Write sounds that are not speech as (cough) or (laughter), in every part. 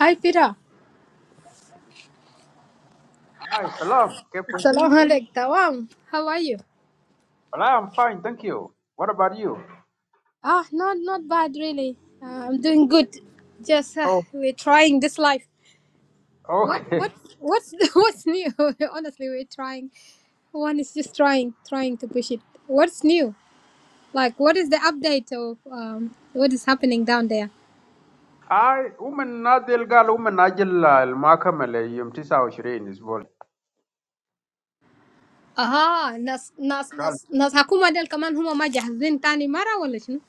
Hi, Peter. Hi, Salam. Keep Salam working? alaikum. Tawam. How are you? Well, I'm fine, thank you. What about you? Ah, not not bad really. Uh, I'm doing good. Just uh, Oh, we're trying this life. What okay. what what's (laughs) what's new? Honestly, we're trying. One is just trying, trying to push it. What's new? Like, what is the update of um, what is happening down there? (laughs) I woman Nadil Gal woman Ajil al Makamele Yum Tisa Shirin is ball. Aha, nas nas Gal nas nas hakuma del kaman huma ma jahzin tani mara wala shunu?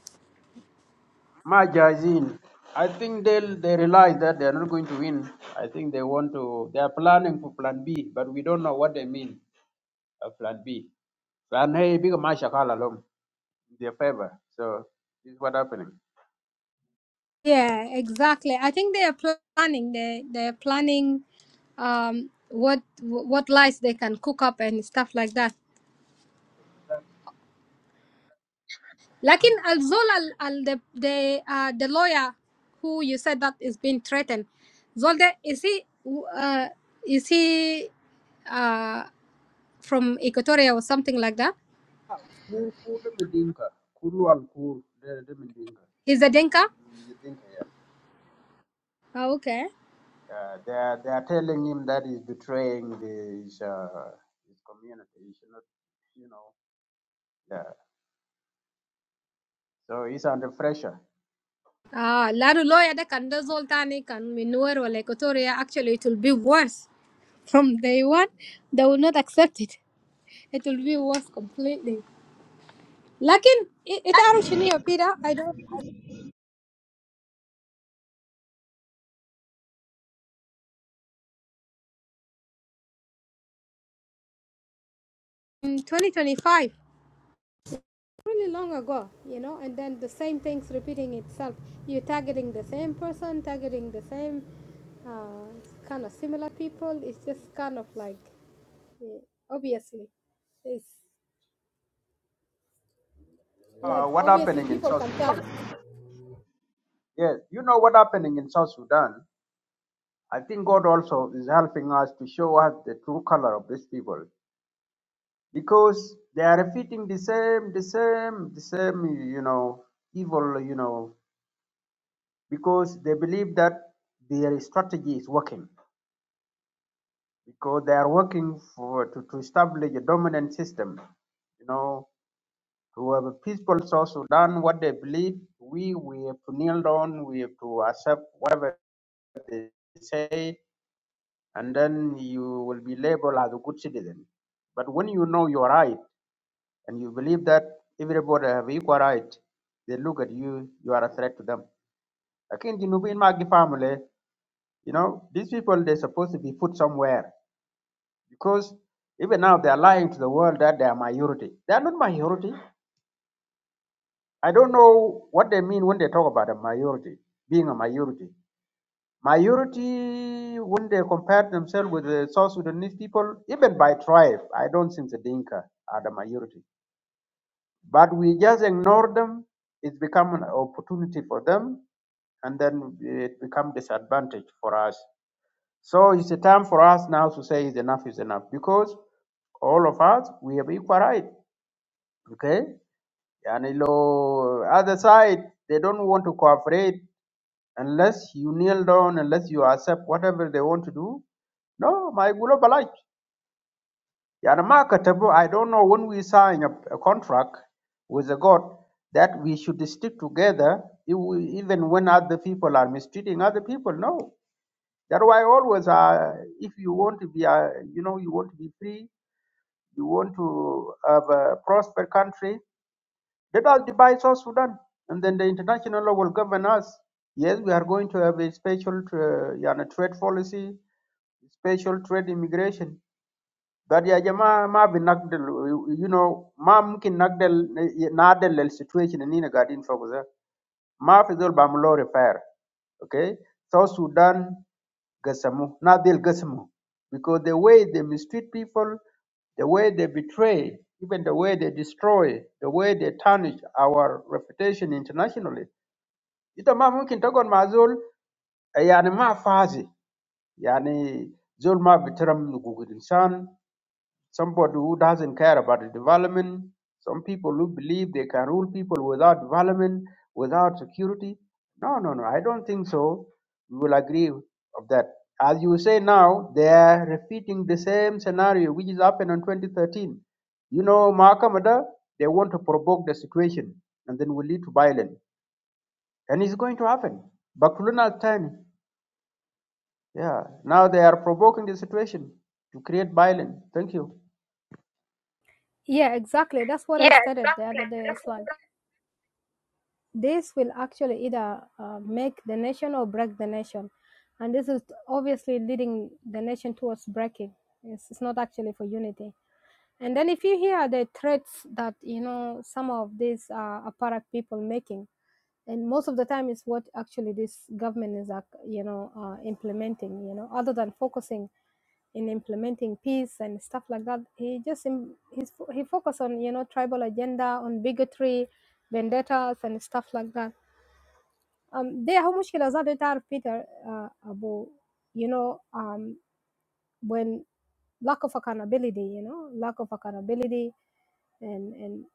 Majazin. I think they'll they realize that they're not going to win. I think they want to they are planning for plan B, but we don't know what they mean of plan B. Plan A big masha call along in their favor. So this is what happening. Yeah, exactly. I think they are planning. They they are planning um what what lies they can cook up and stuff like that. Lakin Alzol al al the the uh, the lawyer who you said that is being threatened. Zolde is he uh is he uh from Equatoria or something like that? Kulu Medinka. Kulu al Kul. They're the Dinka. Is a Denka? He's a Dinka, Yeah. Ah, okay. Uh, they are they are telling him that he's betraying his uh, his community. He should not, you know. Yeah. So he's under pressure. Ah, Laru lawyer that can do Zoltani can manure or Equatoria actually it will be worse. From day one, they will not accept it. It will be worse completely. Lakin, it it Arushinio, Peter, I don't. In 2025, really long ago, you know, and then the same thing's repeating itself. You're targeting the same person, targeting the same uh, kind of similar people. It's just kind of like, eh, obviously, it's Uh, like what obviously happening in people South? can tell. Yes, you know what happening in South Sudan. I think God also is helping us to show us the true color of these people because they are repeating the same, the same, the same, you know, evil, you know, because they believe that their strategy is working. because they are working for to, to establish a dominant system. You know, to have a peaceful South Sudan, what they believe, we we have to kneel down, we have to accept whatever they say, and then you will be labeled as a good citizen. But when you know your right and you believe that everybody have equal right, they look at you, you are a threat to them. Again, you know, in my family, you know, these people they're supposed to be put somewhere because even now they are lying to the world that they are minority. They are not minority. I don't know what they mean when they talk about a minority, being a minority. Minority, when they compare themselves with the South Sudanese people, even by tribe, I don't think the Dinka are the minority. But we just ignore them. It's become an opportunity for them, and then it becomes disadvantage for us. So it's a time for us now to say is enough is enough because all of us we have equal right. okay and lo other side they don't want to cooperate unless you kneel down unless you accept whatever they want to do no my gulo balach yani ma i don't know when we sign a, a contract with the god that we should stick together if we- even when other people are mistreating other people no that's why always uh, if you want to be uh, you know you want to be free you want to have a prosper country Let us divide South Sudan, and then the international law will govern us. Yes, we are going to have a special uh, yani, trade policy, special trade immigration. That ya jamaa ma bi you know, ma mungkin nagdel nadel el situation eh, ni na gadin faguza. Ma fi zol repair, okay? South Sudan Gassamo, not Del Gassamo. Because the way they mistreat people, the way they betray, even the way they destroy, the way they tarnish our reputation internationally. Ita ma mungkin tagon ma zol, eh, yani ma fazi, yani zol ma bitaram nugugul insan, somebody who doesn't care about the development, some people who believe they can rule people without development, without security. No, no, no, I don't think so. We will agree of that. As you say now, they are repeating the same scenario which is happened in 2013. You know, Mahakamada, they want to provoke the situation and then will lead to violence. And it's going to happen. Bakuluna time. Yeah. Now they are provoking the situation to create violence. Thank you. Yeah, exactly. That's what I Yeah, started the other day. It's exactly. like this will actually either uh, make the nation or break the nation. And this is obviously leading the nation towards breaking. It's, it's not actually for unity. And then if you hear the threats that, you know, some of these uh, apparat people making, and most of the time is what actually this government is, ac- you know, uh, implementing, you know, other than focusing in implementing peace and stuff like that, he just, im- he's, he focus on, you know, tribal agenda, on bigotry, vendettas and stuff like that um, دي هو مشكلة ذات تعرف بيتر uh, أبو you know um, when lack of accountability you know lack of accountability and and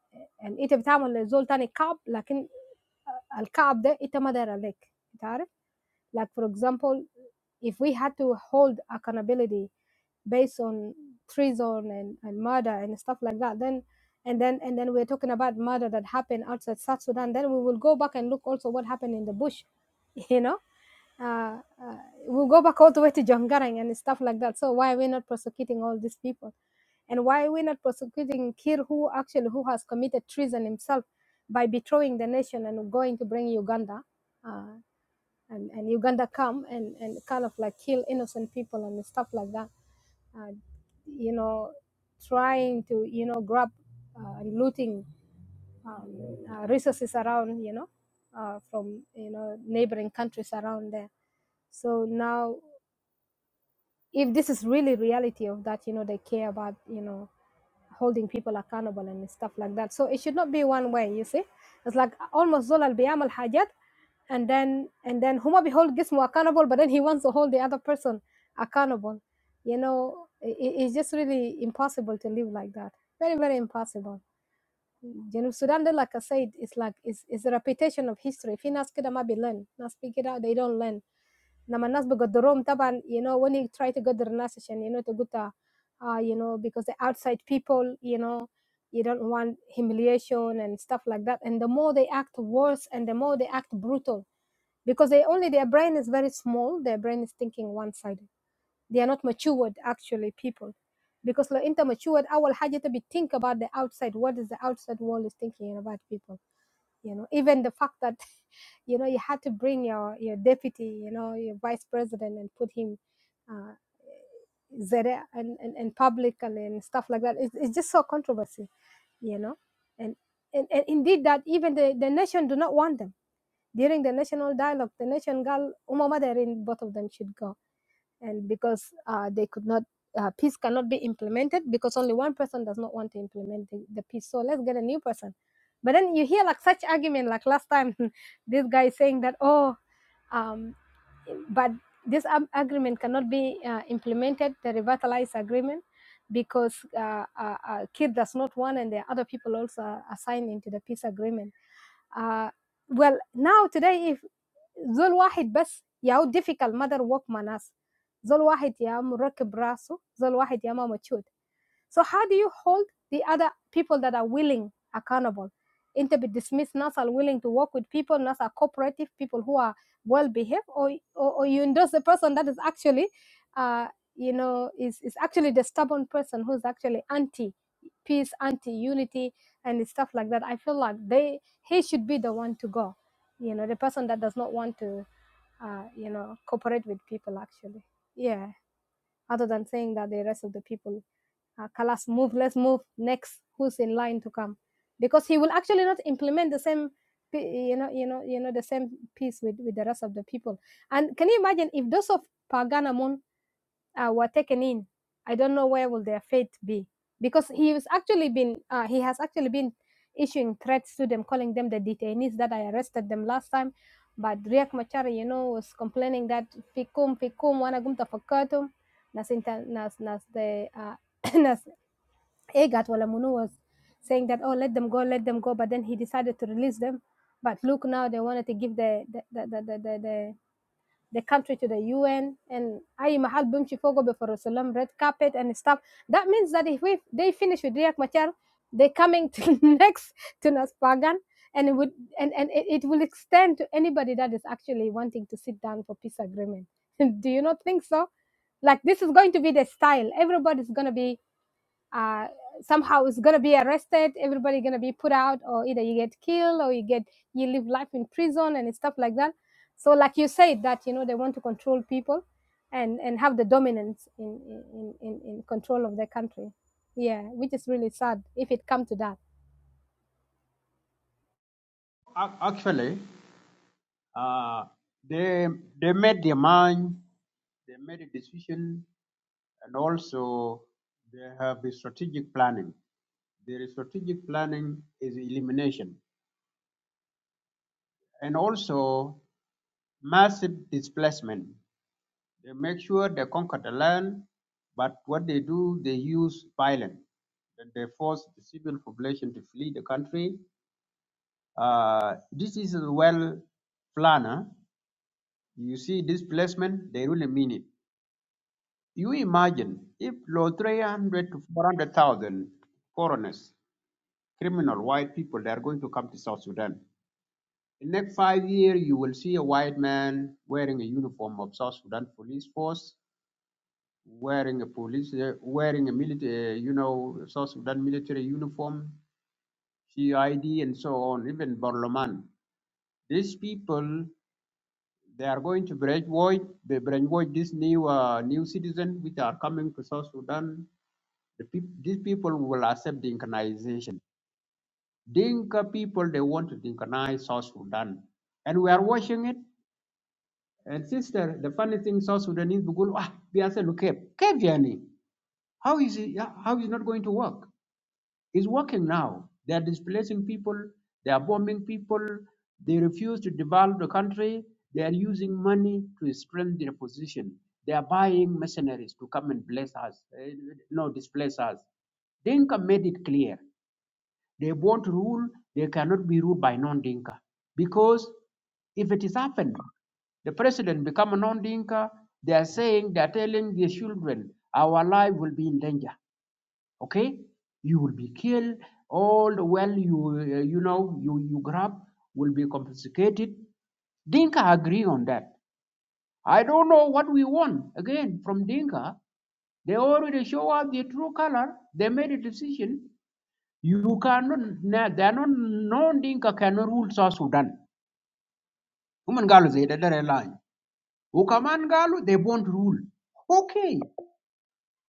and أنت بتعمل لزول تاني كعب لكن الكعب ده أنت ما داير عليك like for example, if we had to hold accountability based on treason and, and murder and stuff like that, then and then and then we're talking about murder that happened outside South Sudan, then we will go back and look also what happened in the bush, (laughs) you know. Uh, uh, we'll go back all the way to Jongarang and stuff like that. So why are we not prosecuting all these people? And why are we not prosecuting Kir, who actually who has committed treason himself by betraying the nation and going to bring Uganda? uh, and, and Uganda come and, and kind of like kill innocent people and stuff like that. Uh, you know, trying to, you know, grab uh, and looting um, uh, resources around, you know, uh, from, you know, neighboring countries around there. So now, if this is really reality of that, you know, they care about, you know, holding people accountable and stuff like that. So it should not be one way, you see. It's like almost Zolal بيعمل حاجات and then and then huma be hold gizmo accountable but then he wants to hold the other person accountable you know i it's just really impossible to live like that very very impossible you know sudan like i said it's like it's, it's the reputation of history If في ناس learn. ما speak it out, they don't learn لما الناس بيقدروهم طبعا you know when you try to go to the عشان you know تقول تا- uh, you know because the outside people you know you don't want humiliation and stuff like that and the more they act worse and the more they act brutal because they only their brain is very small their brain is thinking one sided they are not matured actually people because لو انت matured اول حاجه تبي think about the outside what is the outside world is thinking about people you know even the fact that (laughs) you know you had to bring your your deputy you know your vice president and put him uh, there and, and and public and, and stuff like that it's, it's just so controversy you know and, and and indeed that even the the nation do not want them during the national dialogue, the nation girl Umamadarin, both of them should go. And because uh, they could not, uh, peace cannot be implemented because only one person does not want to implement the, the peace. So let's get a new person. But then you hear like such argument, like last time, (laughs) this guy saying that, oh, um, but this ab- agreement cannot be uh, implemented, the revitalized agreement, because uh, uh, uh, Kir does not want, and the other people also are are signed into the peace agreement uh, well now today if. زول واحد بس يا difficult mother work مع ناس زول واحد يا مركب راسه زول واحد يا ما مجهود so how do you hold the other people that are willing accountable انت بتدسمس ناس are willing to work with people ناس are cooperative people who are well behaved or, or, or you endorse the person that is actually uh, you know is, is actually the stubborn person who's actually anti peace anti unity and stuff like that i feel like they he should be the one to go you know the person that does not want to uh, you know cooperate with people actually yeah other than saying that the rest of the people uh, kalas move let's move next who's in line to come because he will actually not implement the same you know you know you know the same piece with with the rest of the people and can you imagine if those of paganamon uh, were taken in, I don't know where will their fate be. Because he was actually been uh, he has actually been issuing threats to them, calling them the detainees that I arrested them last time. But Riek Machar, you know, was complaining that fikum fikum wana gumta fakatum nas inter nas nas the uh, (coughs) nas Egat Walamunu was saying that oh let them go let them go, but then he decided to release them. But look now they wanted to give the the the the, the, the, the country to the UN and أي محل بيمشي فوقه بيفرسوا لهم red carpet and stuff. That means that if we, they finish with Riek Machar, they coming to (laughs) next to Naspagan and it would and, and it, it will extend to anybody that is actually wanting to sit down for peace agreement. (laughs) Do you not think so? Like this is going to be the style. Everybody's gonna be uh, somehow is going to be arrested everybody going to be put out or either you get killed or you get you live life in prison and stuff like that so like you said that you know they want to control people and and have the dominance in in in, in control of their country yeah which is really sad if it come to that Ac- Actually, uh, they they made their mind, they made a decision, and also they have a strategic planning. Their strategic planning is elimination, and also massive displacement. They make sure they conquer the land, but what they do, they use violence. And they force the civil population to flee the country. Uh, this is a well planner. You see displacement, they really mean it You imagine if low 300 to 400,000 foreigners, criminal white people, they are going to come to South Sudan. In next five years, you will see a white man wearing a uniform of South Sudan police force, wearing a police, uh, wearing a military, uh, you know, South Sudan military uniform, CID, and so on, even Barloman. These people, they are going to brainwash, they brainwash these new, uh, new citizens which are coming to South Sudan The peop these people will accept Dinkanization. Dinka people, they want to Dinkanize South Sudan. And we are watching it. And sister, the funny thing, South Sudanese, بيقولوا, ah, they are saying, "Okay, كيف يعني? How is it, yeah, how is it not going to work? It's working now. They are displacing people. They are bombing people. They refuse to develop the country. They are using money to strengthen their position. They are buying mercenaries to come and bless us, eh, no, displace us. Dinka made it clear. They want to rule, they cannot be ruled by non-Dinka. Because if it is happened, the president become a non-Dinka, they are saying, they are telling their children, our life will be in danger. Okay? You will be killed, all the well you, uh, you know, you, you grab will be confiscated. Dinka agree on that. I don't know what we want. Again, from Dinka, they already show us their true color. They made a decision. You cannot, na- they are not, no Dinka cannot rule South Sudan. Women Galu, they did a line. Ukaman Galu, they won't rule. Okay,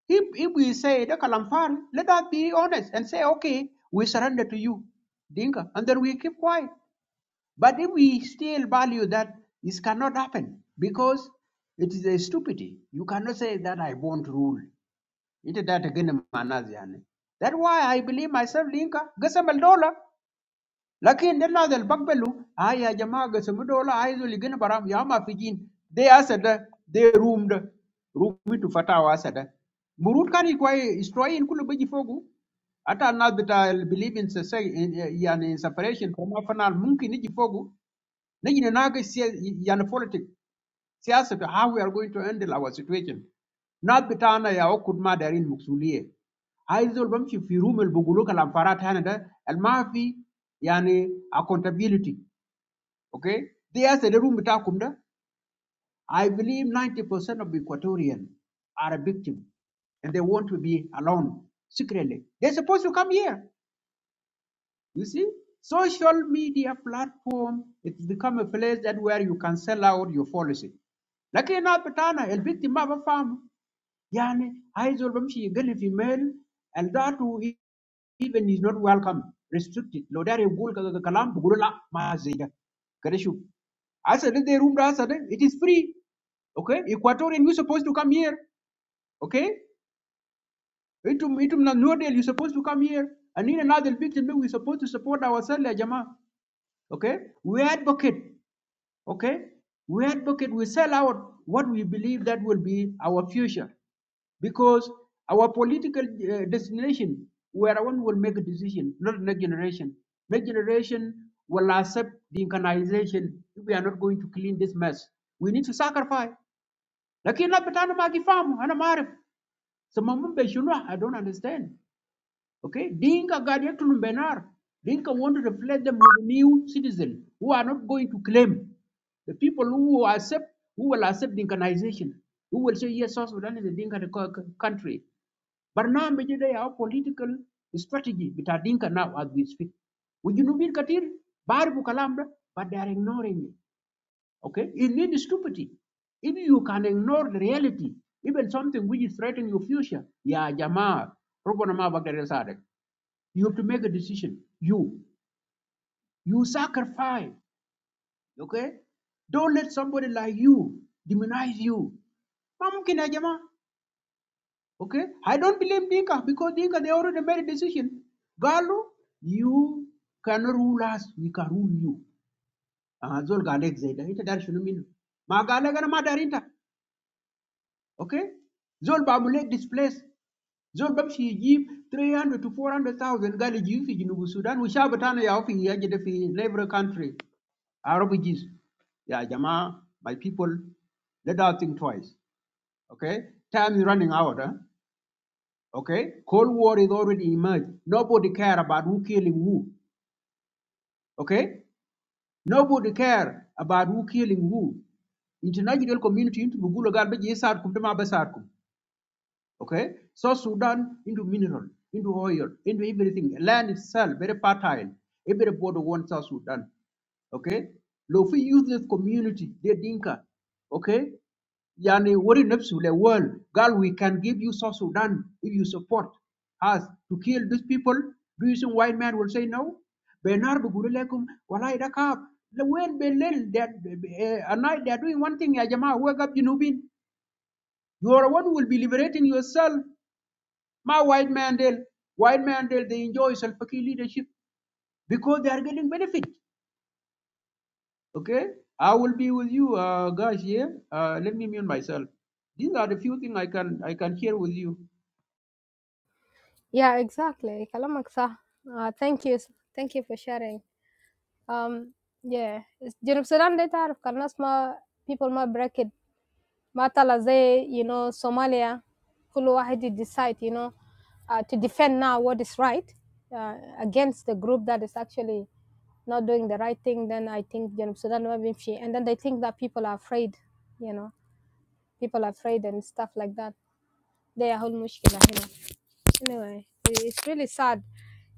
if, if we say the Kalamfari, let us be honest and say, okay, we surrender to you, Dinka, and then we keep quiet. But if we still value that, this cannot happen because it is a stupidity. You cannot say that I won't rule. It is that again, Manazian. That's why I believe myself, Dinka, Gasamal Dollar. Lakin dena del bakbelu, aya jamaa gasumu dola aizu ligina baram yama fijin. They asada, they roomed, roomed to fatawa asada. Murut kani kwa destroy in kulu beji fogu. Ata nas bita believe in, sese- in, yani in yani, separation from afanal munki niji fogu. Niji nanaga siya yani politic. Siyasa how we are going to handle our situation. Not bitana ya okud ma darin muksuliye. Haizol bamshi fi room el bugulu kalam farat hana da al mafi yani accountability. Okay? They are the room bitakum da. I believe 90% of Equatorians are a victim and they want to be alone secretly. They're supposed to come here. You see, social media platform it's become a place that where you can sell out your policy. لكن هنا بتاعنا البنت ما بفهم يعني عايز يقول بمشي يقل في ميل and that who even is not welcome restricted لو داري يقول كذا كلام بقول لا ما زي ده كده شوف هسه ده room ده هسه ده it is free okay Equatorian you supposed to come here okay itum انتم نودل you supposed to come here and in another victim we supposed to support ourselves يا جماعه okay we advocate okay we advocate we sell out what we believe that will be our future because our political uh, destination where one will make a decision not next generation next generation will accept the incarnation if we are not going to clean this mess we need to sacrifice lakini labda tano magi famu ana maarif sema mumbe shunwa i don't understand Okay, Dinka Guardian to Benar. Dinka want to reflect them with new citizens who are not going to claim the people who will accept who will accept Dinkanization, who will say yes, South Sudan is a Dinka country. But now maybe they are political strategy with Dinka now as we speak. Would you know Katir? Barbu Kalambra, but they are ignoring it. Okay, it means stupidity. If you can ignore the reality, even something which is threatening your future, yeah, Jama, Robo Nama Bakar Sadek. You have to make a decision. You, you sacrifice. Okay? Don't let somebody like you demonize you. Ma mungkin Okay? I don't blame Dinka because Dinka, they already made a decision. Galu, you cannot rule us. We can rule you. Ah, Zol galek zaida. Ita dar shunu minu. Ma galek ana ma darinta. Okay? Zol babulek displaced. Zol bamshi yijib 300 to 400,000 gali jiyu fi jinubu Sudan. Ushabatana ya ofi yaji fi neighbor country. are refugees. Yeah, Jama, my people, let us think twice. Okay? Time is running out. Huh? Okay? Cold War is already emerged. Nobody care about who killing who. Okay? Nobody care about who killing who. International community into Bugula garbage Sarkum Dama Basarkum. Okay? So Sudan into mineral, into oil, into everything. Land itself, very fertile. Everybody wants South Sudan. Okay? Lofi useless community, they dinka. Okay? Yani worry nafs the world. God, we can give you South Sudan if you support us to kill these people. Do you think white man will say no? Benar begulu lekum walai dakab. The world belil that uh, at night they are doing one thing. Ya wake up, Junubin. You are one who will be liberating yourself. My white man, they white man, they, they enjoy self-fakir leadership because they are getting benefit. Okay, I will be with you, uh, guys. Here, uh, let me mute myself. These are the few things I can I can share with you. yeah exactly kalamak sa uh, thank you thank you for sharing um yeah it's- junub sudan they تعرف كان ناس ما people ما break it matala zay, you know, Somalia, Kulu Wahidi decide, you know, uh, to defend now what is right uh, against the group that is actually not doing the right thing, then I think Janub Sudan will be free. And then they think that people are afraid, you know, people are afraid and stuff like that. They are whole mushkila here. Anyway, it's really sad.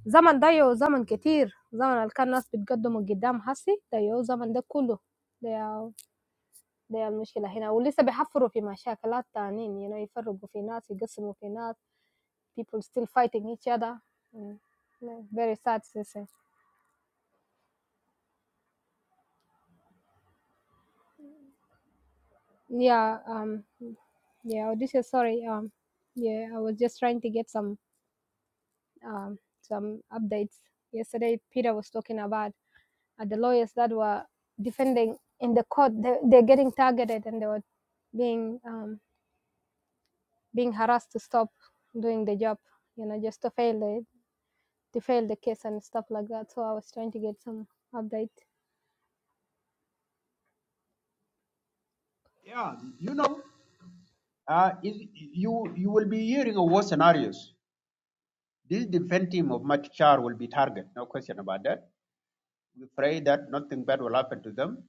Zaman dayo zaman زمن zaman زمن اللي كان الناس بتقدموا قدام هسي ده يو زمن ده دي المشكلة هنا ولسه بيحفروا في مشاكلات تانيين you know يفرقوا في ناس يقسموا في ناس people still fighting each other Mm. Yeah, very sad to say yeah um yeah oh, this is sorry um yeah I was just trying to get some um some updates yesterday Peter was talking about uh, the lawyers that were defending in the court they, they're getting targeted and they were being um being harassed to stop doing the job you know just to fail the, they filed the case and stuff like that. So I was trying to get some update. Yeah, you know, uh, is, you you will be hearing of war scenarios. This defense team of Machar will be target. No question about that. We pray that nothing bad will happen to them.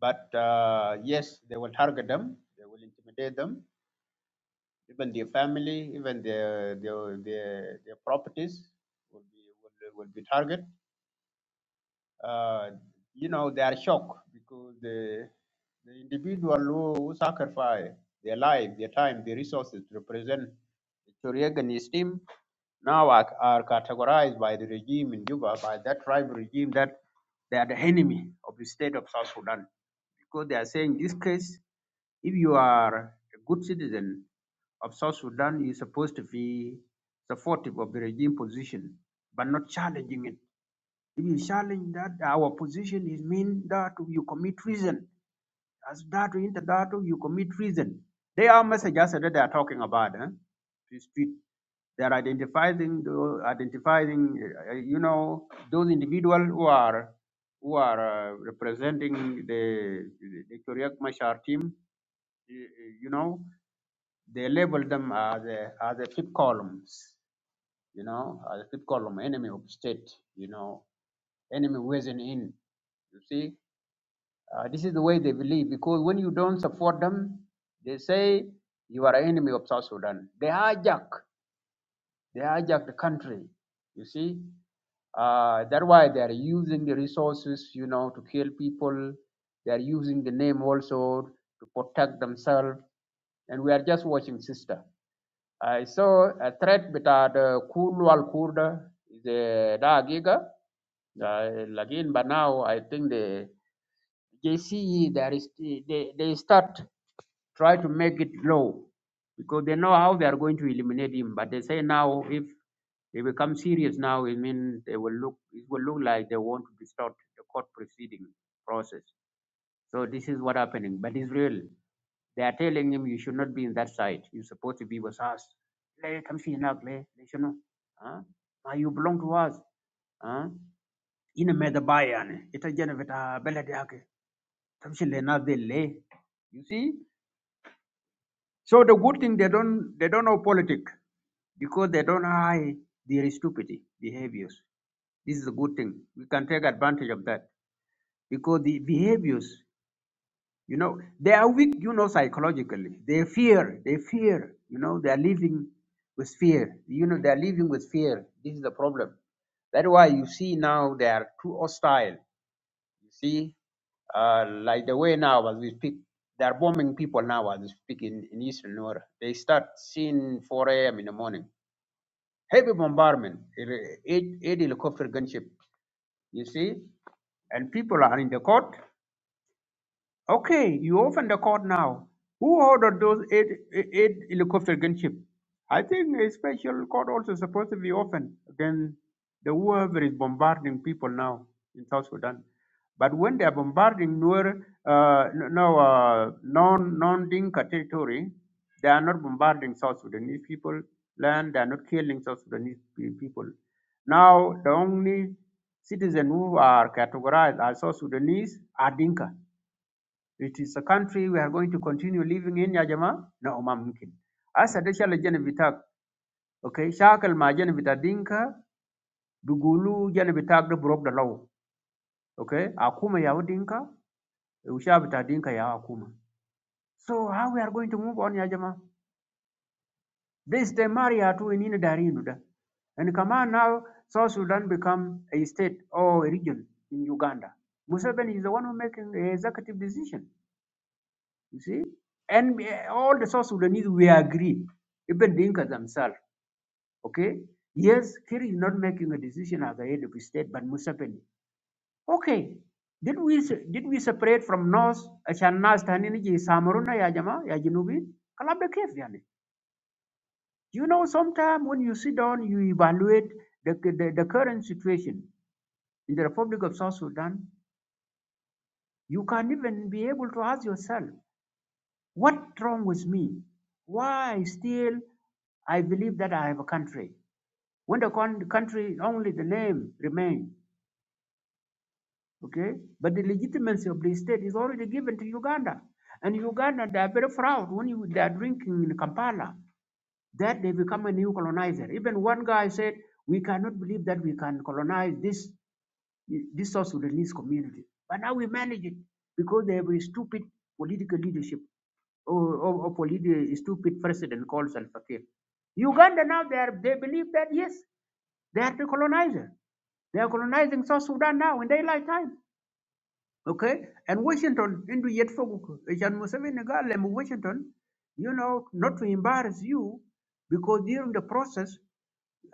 But uh, yes, they will target them. They will intimidate them. Even their family, even their their their, their properties will be will, will be target. Uh, you know, they are shocked because the, the individual who, who sacrifice their life, their time, their resources to represent Choriag and his team now are, are categorized by the regime in Juba, by that tribal regime, that they are the enemy of the state of South Sudan. Because they are saying, in this case, if you are a good citizen of South Sudan, you're supposed to be supportive of the regime position, but not challenging it. If you challenge that our position is mean that you commit treason. As that in that you commit treason. They are messages that they are talking about. Eh? To speak. They are identifying the identifying uh, you know those individuals who are who are uh, representing the the Korean Mashar team. You, you know they label them as a, as a fifth columns. You know as a fifth column enemy of state. You know enemy wasn't in. You see, uh, this is the way they believe because when you don't support them, they say you are an enemy of South Sudan. They hijack, they hijack the country. You see, uh, that's why they are using the resources, you know, to kill people. They are using the name also to protect themselves. And we are just watching, sister. I saw a threat with uh, the Kulu al Kurda, the Dagiga, uh, again, but now I think the. JCE, there is, they, they start try to make it low because they know how they are going to eliminate him. But they say now if they become serious now, it means they will look, it will look like they want to distort the court proceeding process. So this is what happening, but it's real. They are telling him you should not be in that side. You're supposed to be with us. Let come see now, let lay, you know. Huh? you belong to us. Huh? In a medabayan, ita jana vita beladi Tamshil le they lay. You see? So the good thing they don't they don't know politics because they don't hide their stupid behaviors. This is a good thing. We can take advantage of that. Because the behaviors, you know, they are weak, you know, psychologically. They fear, they fear, you know, they are living with fear. You know, they are living with fear. This is the problem. That's why you see now they are too hostile You see, uh, like the way now as we speak, they're bombing people now as we speak in, in Eastern Nora. They start seeing 4 a.m. in the morning. Heavy bombardment, eight, eight helicopter gunship, you see, and people are in the court. Okay, you open the court now. Who ordered those eight, eight helicopter gunship? I think a special court also supposed to be open against the whoever is bombarding people now in South Sudan. But when they are bombarding Nuer, uh, no, no, uh, non, non-Dinka territory, they are not bombarding South Sudanese people, land, they are not killing South Sudanese pe- people. Now, the only citizens who are categorized as South Sudanese are Dinka. It is a country we are going to continue living in ya jamaa na umam mkin. Asa de shal jene bitak. Okay, shakal ma jene bita dinka bigulu jene bitak de broke the law. Okay, akuma ya dinka usha bita dinka ya akuma. So how we are going to move on ya jamaa? This de maria tu inine darinu da. And Kama now, South Sudan become a state or a region in Uganda. Museveni is the one who making the executive decision. You see? And eh, all the South Sudanese, we agree, even Dinka themselves. Okay? Yes, Kir is not making a decision as the head of his state, but Museveni. Okay. Did we did we separate from North Shanas Tanini Samaruna Yajama Yajinubi? Kalabda Kef Yani. You know, sometimes when you sit down, you evaluate the, the, the current situation in the Republic of South Sudan, you can't even be able to ask yourself What wrong with me? Why still I believe that I have a country when the con- country only the name remain? Okay, but the legitimacy of the state is already given to Uganda, and Uganda they are very proud when you, they are drinking in Kampala that they become a new colonizer. Even one guy said, "We cannot believe that we can colonize this this South Sudanese community," but now we manage it because they have a stupid political leadership. Of or lead a stupid president called Salva Kiir. Uganda now they are, they believe that yes, they are the colonizer. They are colonizing South Sudan now in daylight time. Okay? And Washington, into yet for Museveni Washington, you know, not to embarrass you because during the process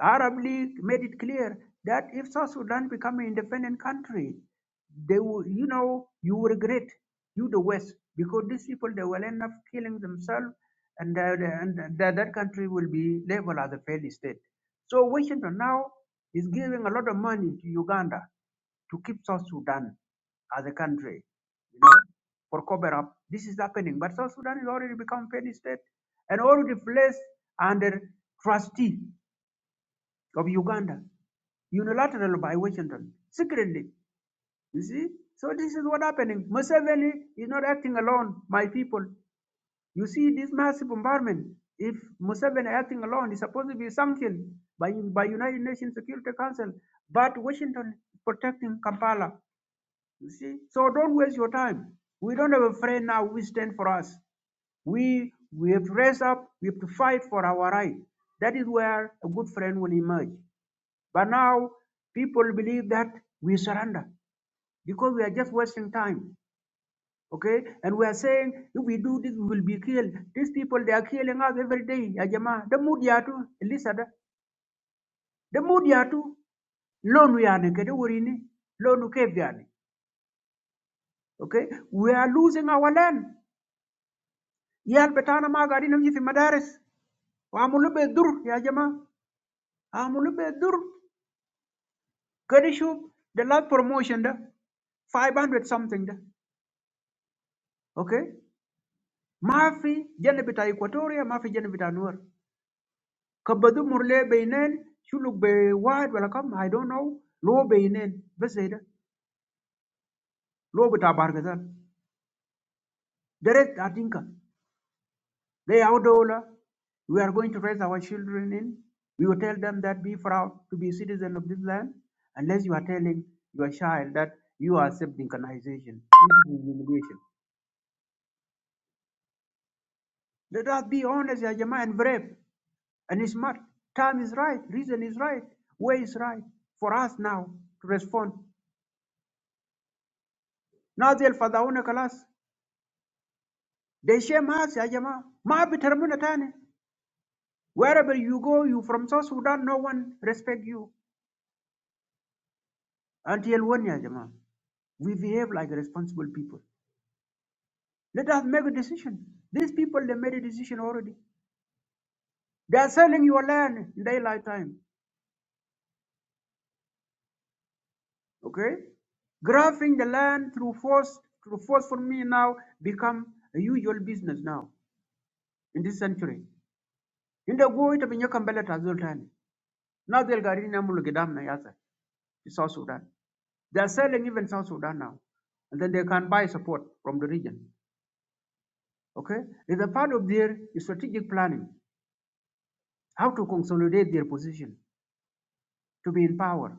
Arab League made it clear that if South Sudan become an independent country, they will, you know, you will regret you the West because these people they will end up killing themselves, and that, and that, that country will be labeled as a failed state. So Washington now is giving a lot of money to Uganda to keep South Sudan as a country, you know, for cover up. This is happening, but South Sudan is already become failed state and already placed under trustee of Uganda, unilateral by Washington, secretly. You see? So this is what happening. Museveni is not acting alone, my people. You see this massive bombardment. If Museveni acting alone, is supposed to be sanctioned by, by United Nations Security Council. But Washington is protecting Kampala. You see? So don't waste your time. We don't have a friend now who stand for us. We we have to raise up, we have to fight for our right. That is where a good friend will emerge. But now people believe that we surrender because we are just wasting time. Okay? And we are saying if we do this, we will be killed. These people they are killing us every day. ya jamaa. The mood yatu, da. The mood yatu. Loan we are naked, urini. Loan cave yani. Okay? We are losing our land. Yal betana magari nam yifi madaris. Amulube dur, ya jamaa. Amulube dur. Kadishu, the last promotion da. 500 something da. Okay? Mafi jana bita Equatoria, mafi jana bita Nuer. Kabadu murle beinen, shuluk be wide welcome, I don't know. Lo beinen, beseda. Lo bita bargazal. Direct atinka. They outdola. We are going to raise our children in. We will tell them that be proud to be citizen of this land. Unless you are telling your child that you are accepting colonization. This is humiliation. Let us be honest, ya Jama'ah, and brave and smart. Time is right, reason is right, way is right for us now to respond. Nazi al-Fadhauna Kalas, they shame us, ya Jama'ah. Ma bitarabuna tani. Wherever you go, you from South Sudan, no one respect you. Until when, ya Jama'ah? We behave like responsible people. Let us make a decision. These people, they made a decision already. They are selling your land in daylight time. Okay? Grabbing the land through force through force for me now become a usual business now in this century. In the go ita binya kambele tazul tani. Now they'll gari na mulu gidam to South Sudan. They are selling even South Sudan now. And then they can buy support from the region. Okay? It's a part of their strategic planning, how to consolidate their position to be in power.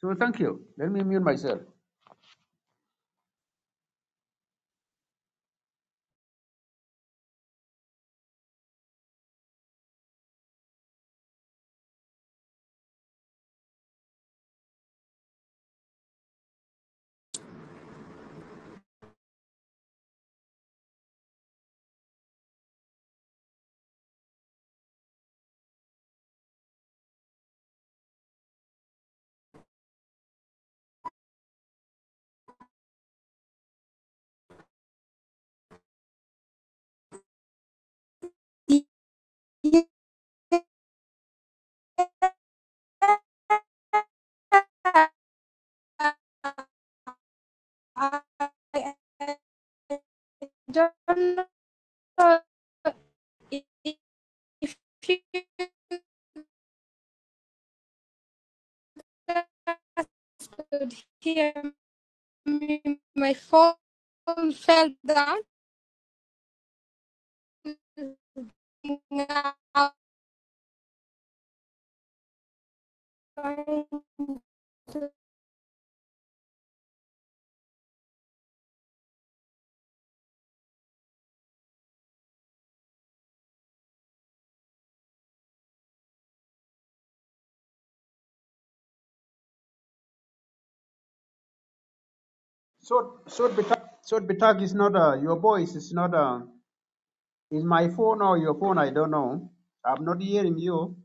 So thank you. Let me mute myself. Yeah. I don't know if you could hear me. My phone fell down. So, so Bitak, so Bitak is not uh, your voice is not uh, Is my phone or your phone? I don't know. I'm not hearing you.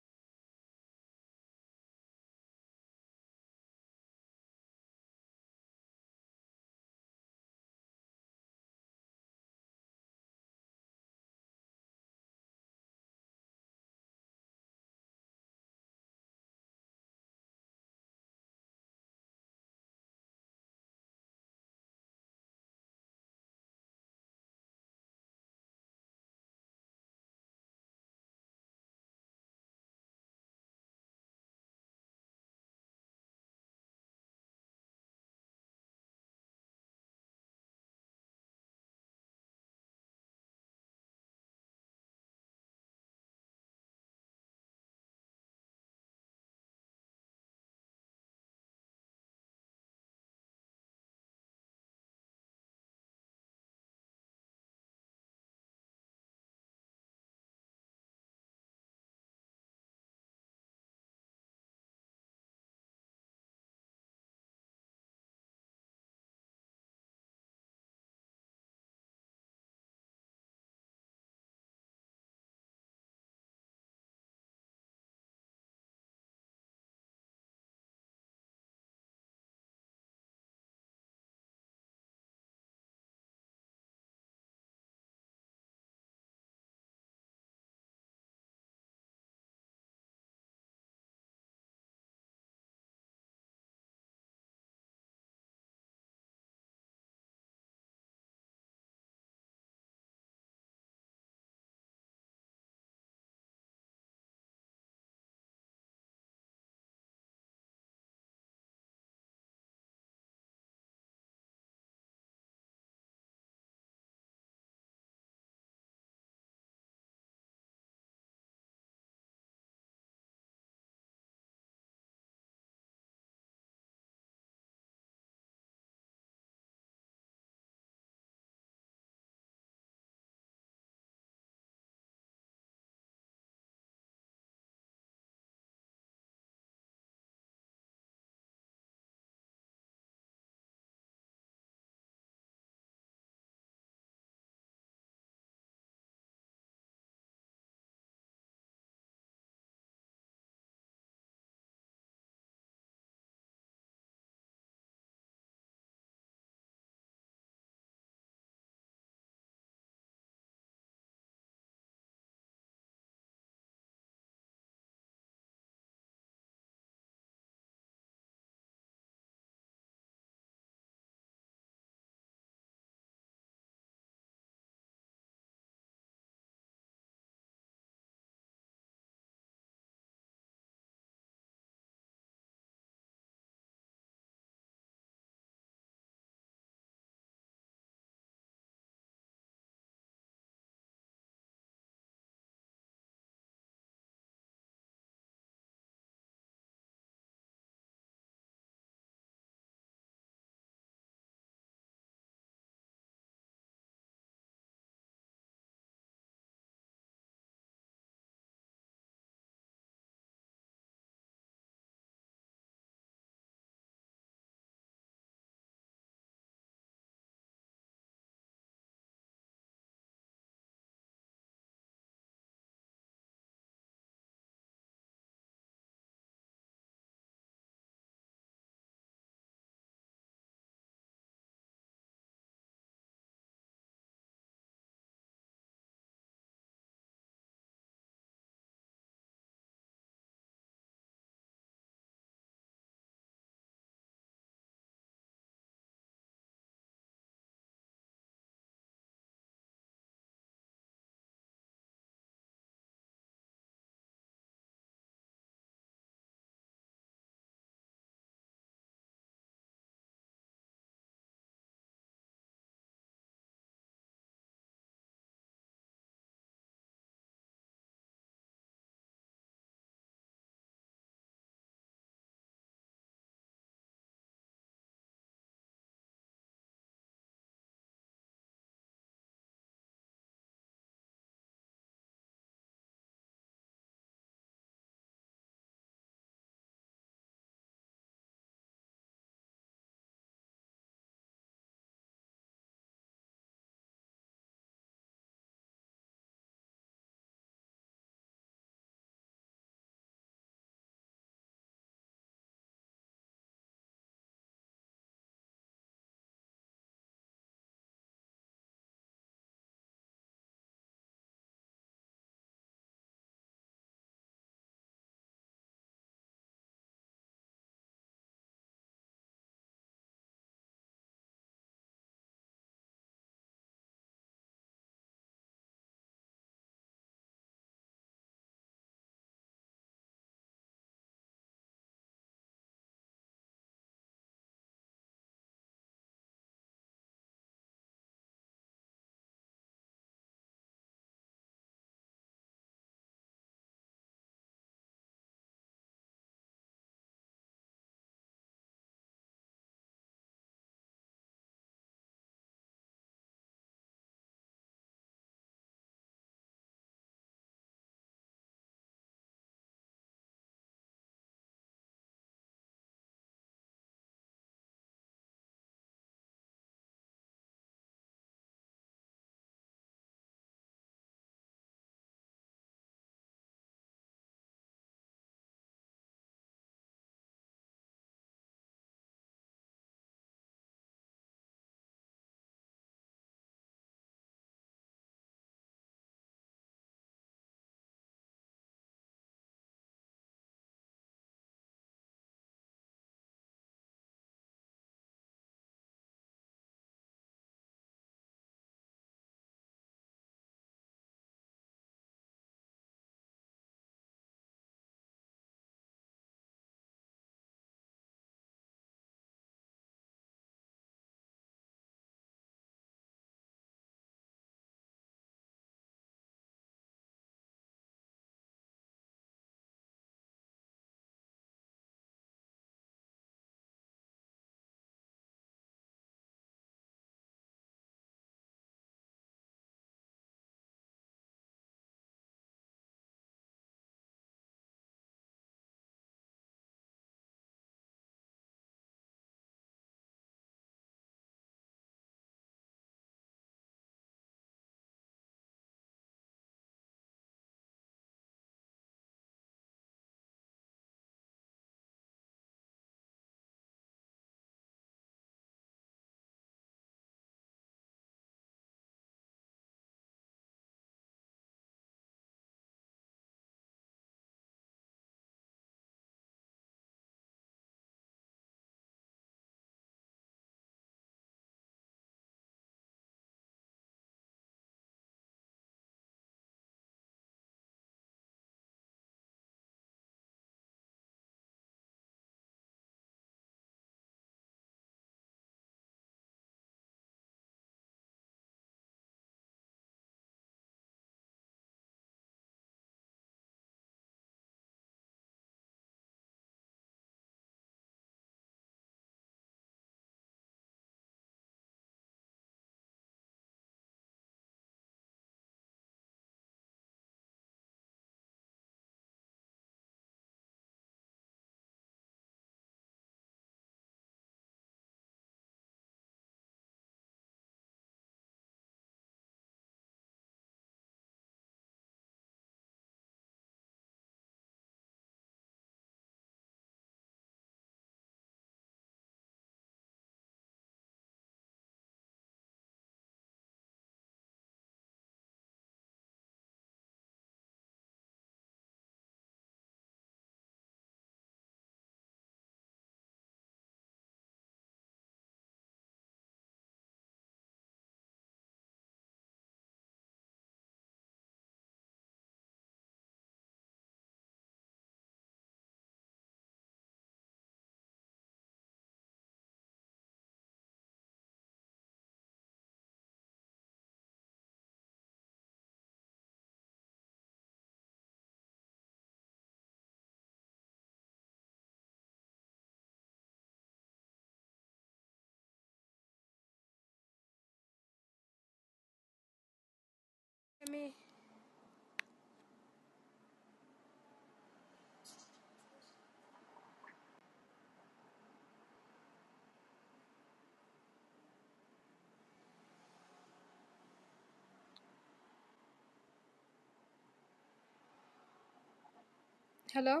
Hello,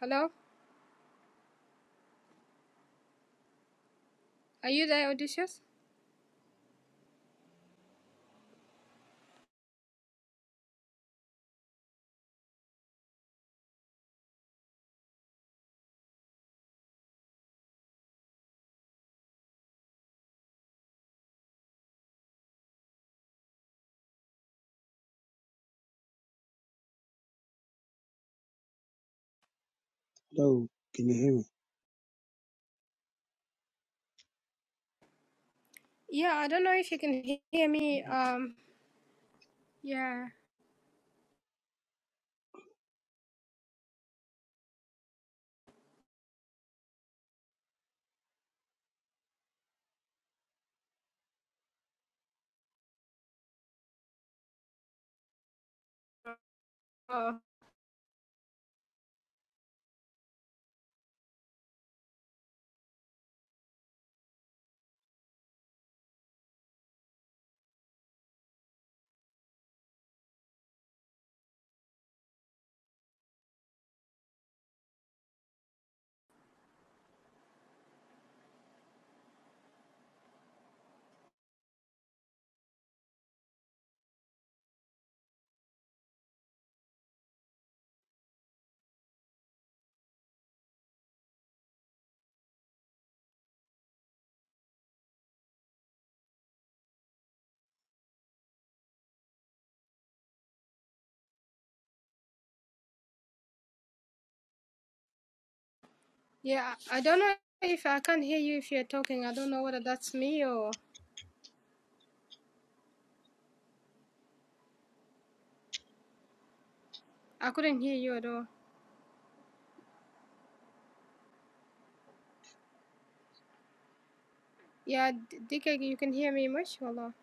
hello. Are you there, Odysseus? Hello, can you hear me? Yeah, I don't know if you can he- hear me. Um, yeah. Oh, yeah. I don't know if I can't hear you if you're talking. I don't know whether that's me or I couldn't hear you at all. Yeah, D- DK, you can hear me much, Wallah.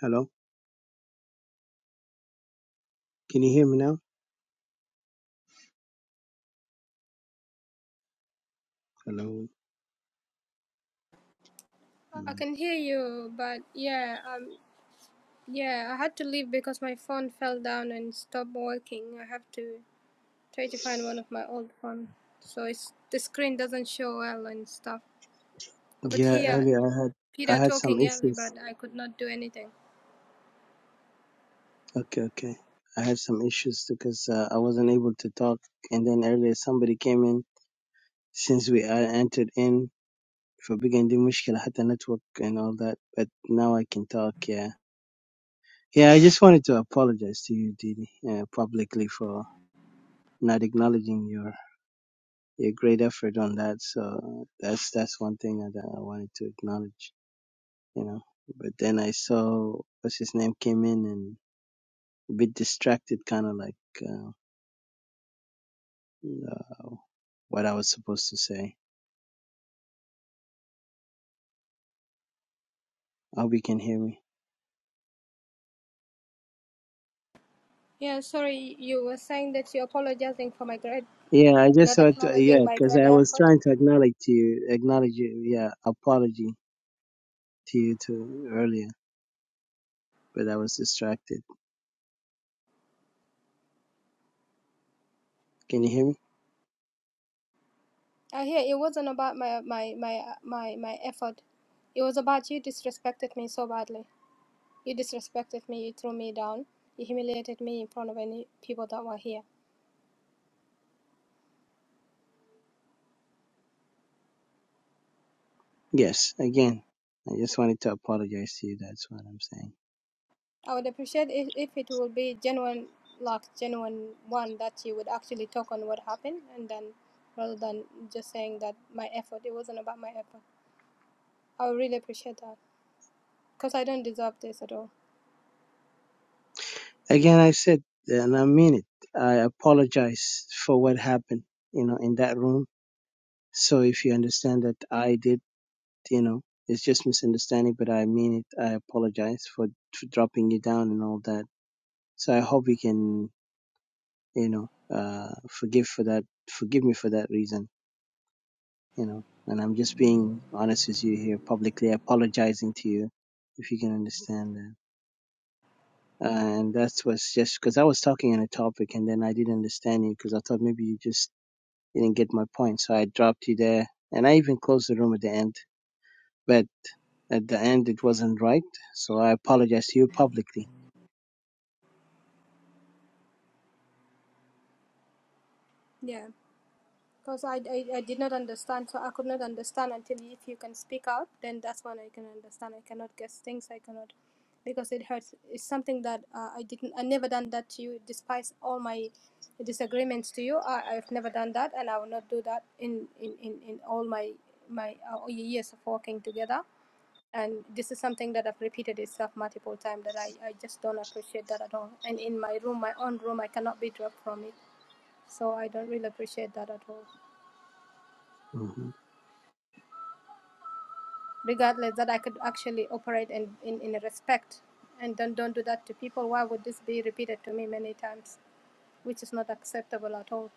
Hello, can you hear me now? Hello. I Um, can hear you, but yeah, um, yeah, I had to leave because my phone fell down and stopped working. I have to try to find one of my old phone, so it's the screen doesn't show well and stuff. I could Yeah, hear earlier I had I Peter had some talking early, issues. but I could not do anything. Okay, okay. I had some issues because uh, I wasn't able to talk, and then earlier somebody came in. Since we I entered in for big and mushkil, had the network and all that, but now I can talk. Yeah, yeah. I just wanted to apologize to you, Didi, uh, publicly for not acknowledging your your great effort on that. So that's that's one thing that I wanted to acknowledge. you know. But then I saw what's his name came in and a bit distracted, kind of like uh, uh, what I was supposed to say. hope you can hear me. Yeah, sorry, you were saying that you're apologizing for my grade, Yeah, I just not thought, uh, yeah, acknowledging my because grade I was effort. trying to acknowledge to you, acknowledge you, yeah, apology to you too earlier, but I was distracted. Can you hear me? I hear it wasn't about my my my my my effort. It was about you disrespected me so badly. You disrespected me. You threw me down. You humiliated me in front of any people that were here. Yes, again, I just wanted to apologize to you. That's what I'm saying. I would appreciate if, if it will be genuine, like genuine one that you would actually talk on what happened, and then rather than just saying that my effort. It wasn't about my effort. I would really appreciate that because I don't deserve this at all. Again, I said, and I mean it. I apologize for what happened, you know, in that room So if you understand that I did, you know, it's just misunderstanding, but I mean it. I apologize for, for dropping you down and all that. So I hope you can, you know, uh, forgive for that, forgive me for that reason, you know. And I'm just being honest with you here, publicly apologizing to you, if you can understand that. And that was just because I was talking on a topic and then I didn't understand you because I thought maybe you just didn't get my point. So I dropped you there and I even closed the room at the end. but. At the end, it wasn't right, so I apologize to you publicly. Yeah. Because I, I, I did not understand, so I could not understand until if you can speak out, then that's when I can understand. I cannot guess things. I cannot, because it hurts. It's something that uh, I didn't. I never done that to you. Despite all my disagreements to you, I, I've never done that, and I will not do that in in in, in all my my uh, years of working together. And this is something that I've repeated itself multiple times. That I, I just don't appreciate that at all. And in my room, my own room, I cannot be dropped from it. So I don't really appreciate that at all. hmm regardless that I could actually operate in, in, in respect and don't, don't do that to people. Why would this be repeated to me many times, which is not acceptable at all?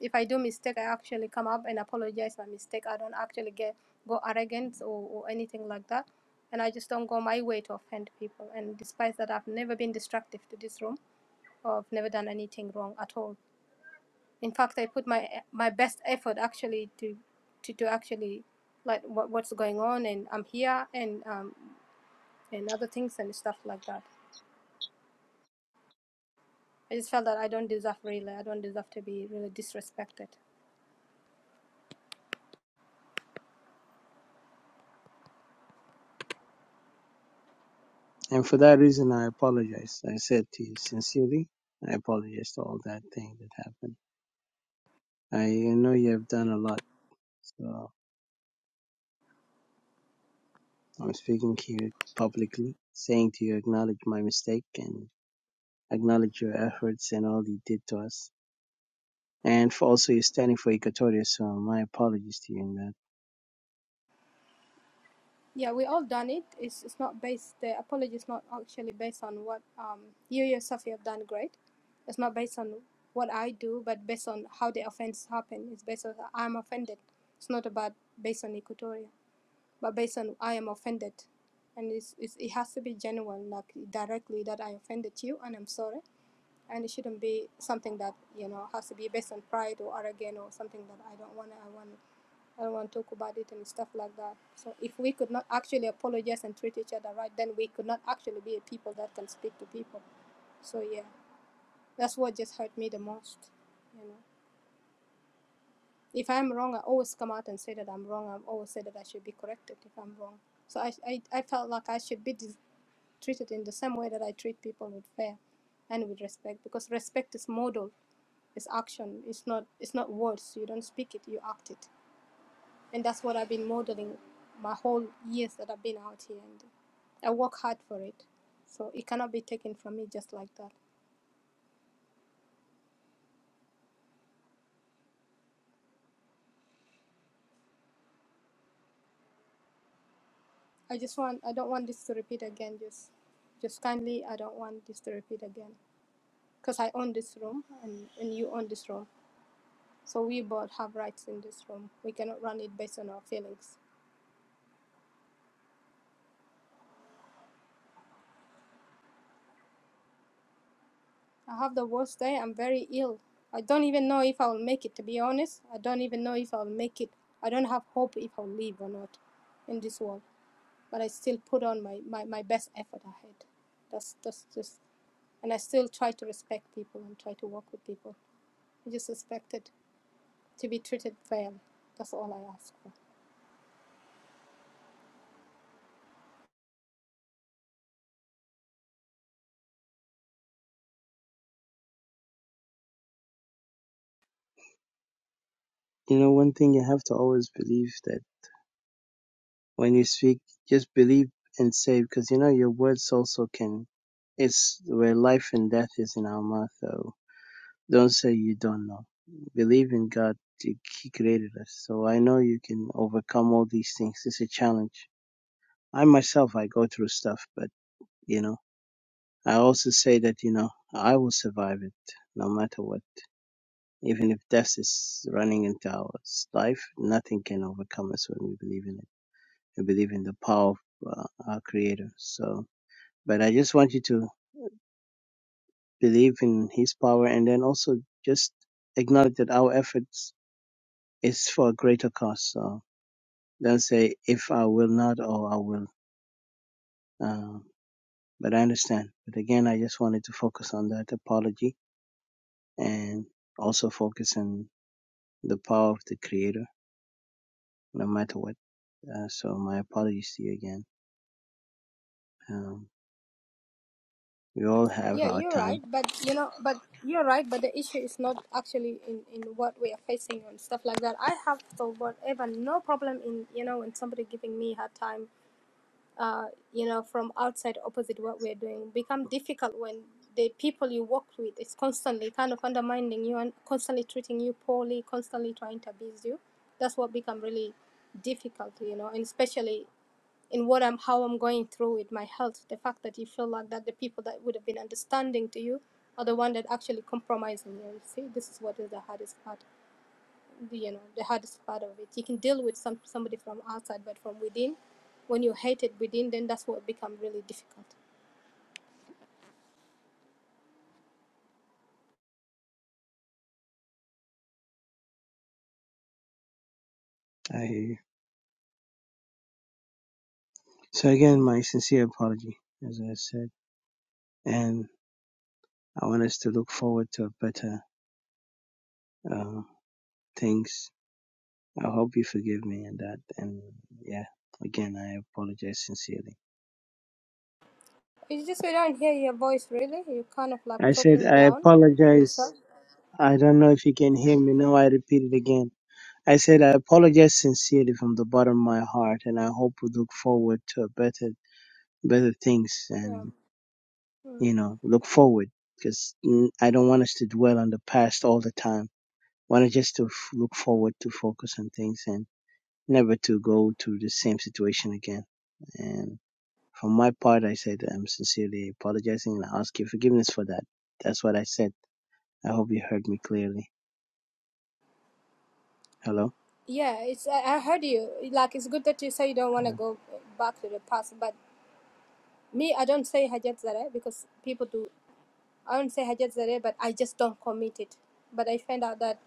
If I do mistake, I actually come up and apologize my mistake. I don't actually get go arrogant or, or anything like that. And I just don't go my way to offend people. And despite that, I've never been destructive to this room or I've never done anything wrong at all. In fact, I put my my best effort actually to to, to actually like what, what's going on and i'm here and um, and other things and stuff like that. I just felt that I don't deserve really, I don't deserve to be really disrespected. And for that reason, I apologize. I said to you sincerely, I apologize to all that thing that happened. I know you have done a lot, so I'm speaking here publicly, saying to you, acknowledge my mistake and acknowledge your efforts and all you did to us. And for also you standing for Equatoria, so my apologies to you in that. Yeah, we all done it. It's, it's not based, the apology is not actually based on what um, you yourself you have done great. It's not based on what I do, but based on how the offense happened. It's based on I'm offended. It's not about based on Equatoria, but based on I am offended. And it's, it's, it has to be genuine, like directly that I offended you and I'm sorry and it shouldn't be something that you know has to be based on pride or arrogance or something that I don't want. to I want. I don't want to talk about it and stuff like that. So if we could not actually apologize and treat each other right, then we could not actually be a people that can speak to people. So yeah, that's what just hurt me the most. You know, if I'm wrong, I always come out and say that I'm wrong. I've always said that I should be corrected if I'm wrong. So I I, I felt like I should be treated in the same way that I treat people with fair and with respect because respect is modeled It's action. It's not it's not words. You don't speak it, you act it. And that's what I've been modeling my whole years that I've been out here and I work hard for it. So it cannot be taken from me just like that. I just want I don't want this to repeat again just just kindly I don't want this to repeat again because I own this room and, and you own this room. So we both have rights in this room. We cannot run it based on our feelings. I have the worst day. I'm very ill. I don't even know if I'll make it, to be honest. I don't even know if I'll make it. I don't have hope if I'll live or not in this world. But I still put on my, my, my best effort I had. That's that's just and I still try to respect people and try to work with people. I just expected to be treated fairly. That's all I ask for. You know, one thing you have to always believe that when you speak, just believe and say because you know your words also can. It's where life and death is in our mouth. So don't say you don't know. Believe in God. He created us, so I know you can overcome all these things. It's a challenge. I myself, I go through stuff, but you know, I also say that you know I will survive it no matter what. Even if death is running into our life, nothing can overcome us when we believe in it. We believe in the power of uh, our Creator. So But I just want you to believe in His power, and then also just acknowledge that our efforts is for a greater cause. So don't say if I will not or I will. Um, but I understand. But again, I just wanted to focus on that apology and also focus on the power of the Creator, no matter what. Uh, so my apologies to you again. Um, we all have Yeah, our you're time. right, but you know, but you're right, but the issue is not actually in in what we are facing and stuff like that. I have so whatever, no problem in you know when somebody giving me hard time, uh, you know, from outside opposite what we're doing become difficult when the people you work with is constantly kind of undermining you and constantly treating you poorly, constantly trying to abuse you. That's what become really difficult, you know, and especially in what I'm how I'm going through with my health. The fact that you feel like that the people that would have been understanding to you are the one that actually compromising you. You see, this is what is the hardest part. You know, the hardest part of it. You can deal with some somebody from outside, but from within, when you hate it within, then that's what become really difficult. I hear you. So again, my sincere apology, as I said, and I want us to look forward to a better uh, things. I hope you forgive me and that. And yeah, again, I apologize sincerely. It's just you don't hear your voice really. You're kind of like I said, talking I down to apologize. yourself. I don't know if you can hear me. Now I repeat it again. I said, I apologize sincerely from the bottom of my heart. And I hope we look forward to better, better things Yeah. and, Mm. you know, look forward because I don't want us to dwell on the past all the time. I want us just to f- look forward to focus on things and never to go through the same situation again. and. For my part, I said I'm sincerely apologizing and I ask you forgiveness for that. That's what I said. I hope you heard me clearly. Hello? Yeah, it's I I heard you. Like it's good that you say you don't want to go back to the past, but Me, I don't say Hajat Zareh because people do. I don't say Hajat Zareh, but I just don't commit it. But I find out that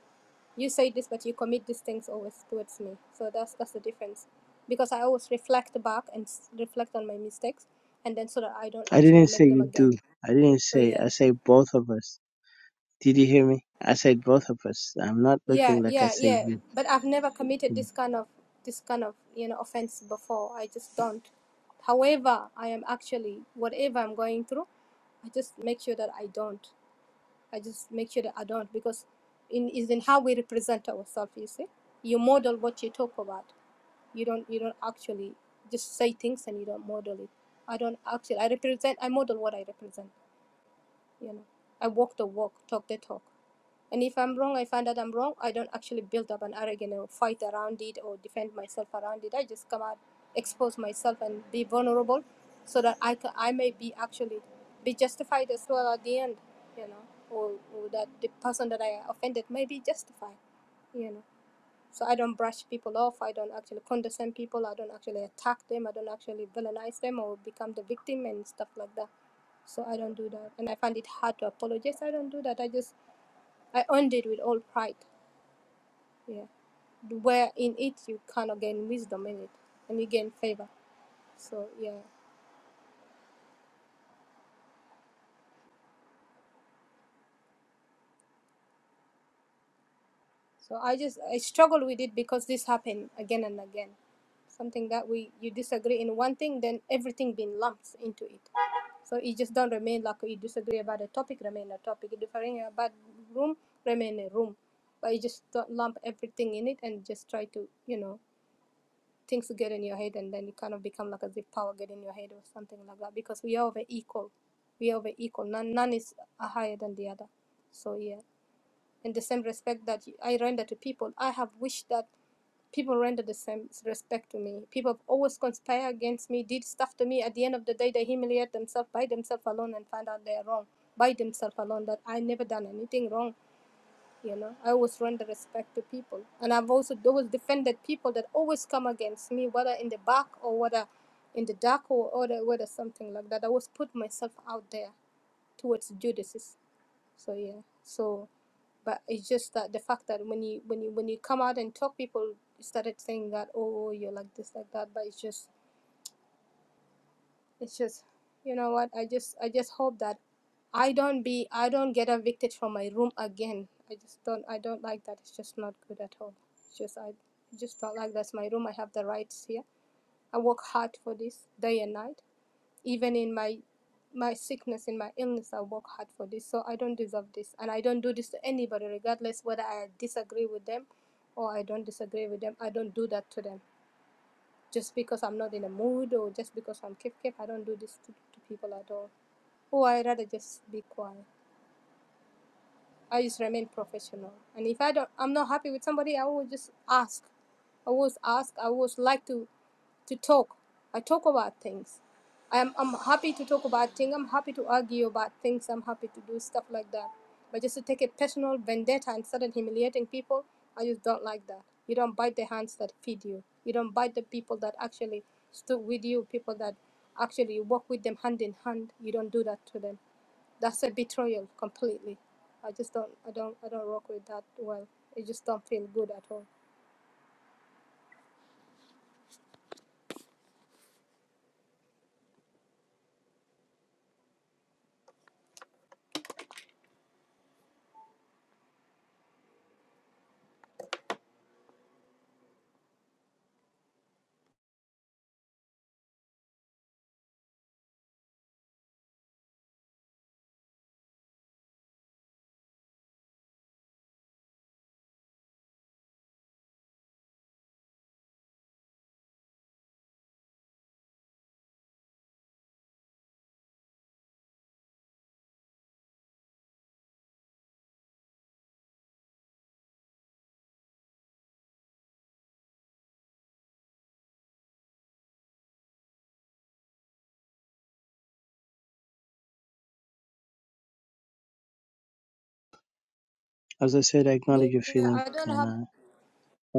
you say this, but you commit these things always towards me. So that's that's the difference. Because I always reflect back and s- reflect on my mistakes, and then so that I don't I actually didn't say make them you again. do. I didn't So say, I yeah, say both of us. Did you hear me? I said both of us. I'm not yeah, looking like I yeah, say yeah. you. But I've never committed this kind of this kind of you know offense before. I just don't. However, I am actually whatever I'm going through, I just make sure that I don't. I just make sure that I don't because in is in how we represent ourselves. You see, you model what you talk about. You don't you don't actually just say things and you don't model it. I don't actually. I represent. I model what I represent. You know, I walk the walk, talk the talk. And if I'm wrong, I find out I'm wrong. I don't actually build up an arrogance or fight around it or defend myself around it. I just come out, expose myself, and be vulnerable, so that I can, I may be actually be justified as well at the end, you know, or, or that the person that I offended may be justified, you know. So I don't brush people off. I don't actually condescend people. I don't actually attack them. I don't actually villainize them or become the victim and stuff like that. So I don't do that, and I find it hard to apologize. I don't do that. I just I earned it with all pride. Yeah. Where in it you kind of gain wisdom in it and you gain favor. So yeah. So I just I struggle with it because this happened again and again. Something that we you disagree in one thing, then everything being lumped into it. So it just don't remain like you disagree about a topic, remain a topic. You differing about room, remain a room. But you just don't lump everything in it and just try to, you know, things get in your head and then you kind of become like as if power get in your head or something like that because we are over equal we are over equal none none is uh, higher than the other so yeah in the same respect that i render to people i have wished that people render the same respect to me people have always conspire against me did stuff to me at the end of the day they humiliate themselves by themselves alone and find out they are wrong by themselves alone that i never done anything wrong you know i always render respect to people and i've also always defended people that always come against me whether in the back or whether in the dark or, or the, whether something like that i always put myself out there towards judices so yeah so but it's just that the fact that when you when you when you come out and talk people started saying that oh you're like this like that but it's just it's just you know what i just i just hope that i don't be i don't get evicted from my room again i just don't i don't like that it's just not good at all it's just i just don't like that's my room i have the rights here i work hard for this day and night even in my my sickness in my illness i work hard for this so i don't deserve this and i don't do this to anybody regardless whether i disagree with them or i don't disagree with them i don't do that to them just because I'm not in a mood or just because I'm kif kif. I don't do this to, to people at all. Oh, I rather just be quiet. I just remain professional. And if I don't, I'm not happy with somebody, I will just ask. I always ask. I always like to to talk. I talk about things. I'm, I'm happy to talk about things. I'm happy to argue about things. I'm happy to do stuff like that. But just to take a personal vendetta and start humiliating people, I just don't like that. You don't bite the hands that feed you. You don't bite the people that actually stood with you, people that actually work with them hand in hand. You don't do that to them. That's a betrayal completely. I just don't, I don't, I don't work with that well. It just don't feel good at all. As I said, I Yeah, acknowledge your feeling. I don't And have. uh,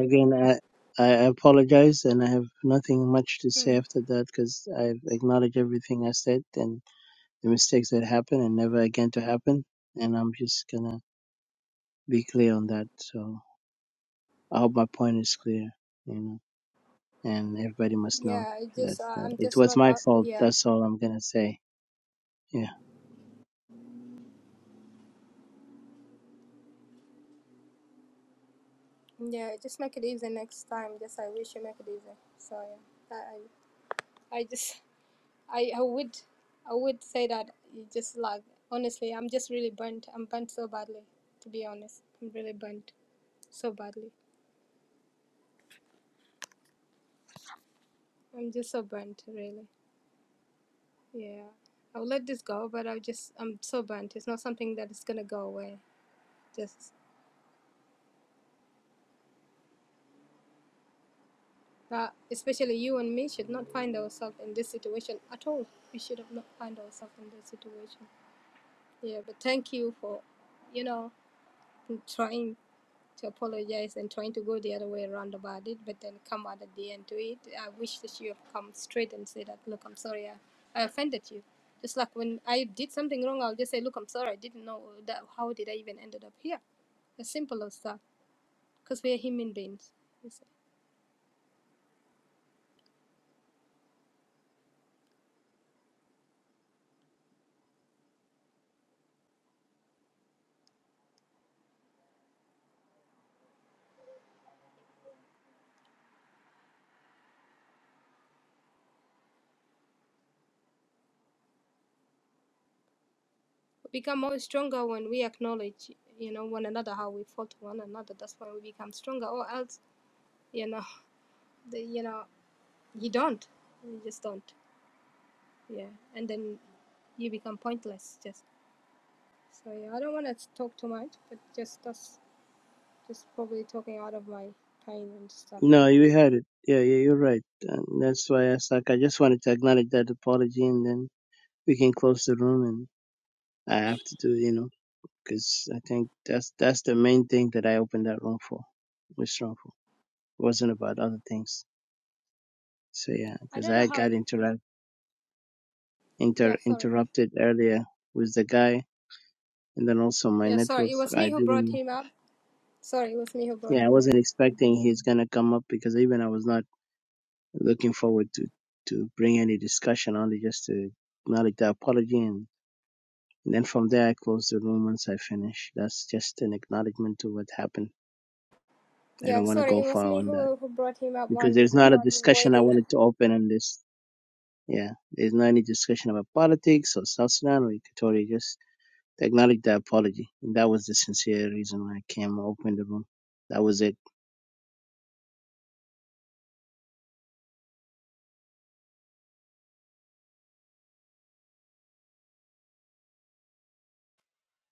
again, I, I apologize and I have nothing much to say after that because I've acknowledged everything I said and the mistakes that happened and never again to happen. And I'm just gonna be clear on that. So I hope my point is clear, you know, and everybody must know Yeah, I that just uh, uh, I'm it just was not my happy. fault. Yeah, That's all I'm gonna say. Yeah. yeah. Just make it easy next time. Just I wish you make it easy. So yeah, I I I just I I would I would say that you just like honestly I'm just really burnt. I'm burnt so badly. To be honest, I'm really burnt so badly. I'm just so burnt really. Yeah, I'll let this go, but I'll just I'm so burnt. It's not something that is gonna go away. Just that especially you and me should not find ourselves in this situation at all. We should have not find ourselves in this situation. Yeah, but thank you for, you know, trying to apologize and trying to go the other way around about it, but then come out at the end to it. I wish that you have come straight and say that, look, I'm sorry, I, I offended you. Just like when I did something wrong, I'll just say, look, I'm sorry, I didn't know that. How did I even ended up here? As simple as that, because we are human beings. Yes. become more stronger when we acknowledge, you know, one another, how we fought one another. That's why we become stronger. Or else, you know, (laughs) the, you know, you don't. You just don't. Yeah. And then you become pointless. Just so yeah. I don't want to talk too much, but just that's just probably talking out of my pain and stuff. No, you had it. Yeah, yeah, you're right. And that's why I was like, I just wanted to acknowledge that apology, and then we can close the room. And I have to do, you know, because I think that's that's the main thing that I opened that room for. It Was wrong for. It wasn't about other things. So yeah, I because don't I know how. got interrupt inter Yeah. Sorry. interrupted earlier with the guy and then also my Yeah. network Sorry. It was i me who brought didn't him up. Sorry. It was me who brought yeah i him up. wasn't expecting he's gonna come up because even i was not looking forward to to bring any discussion only just to acknowledge the apology and, and then from there i close the room once i finish that's just an acknowledgement to what happened i Yeah. don't want to Sorry. go It was far me on that who who brought him up while because there's not a while you were discussion i waiting. wanted to open on this yeah there's not any discussion about politics or south sudan or equatoria just acknowledge the apology and that was the sincere reason why i came opened the room that was it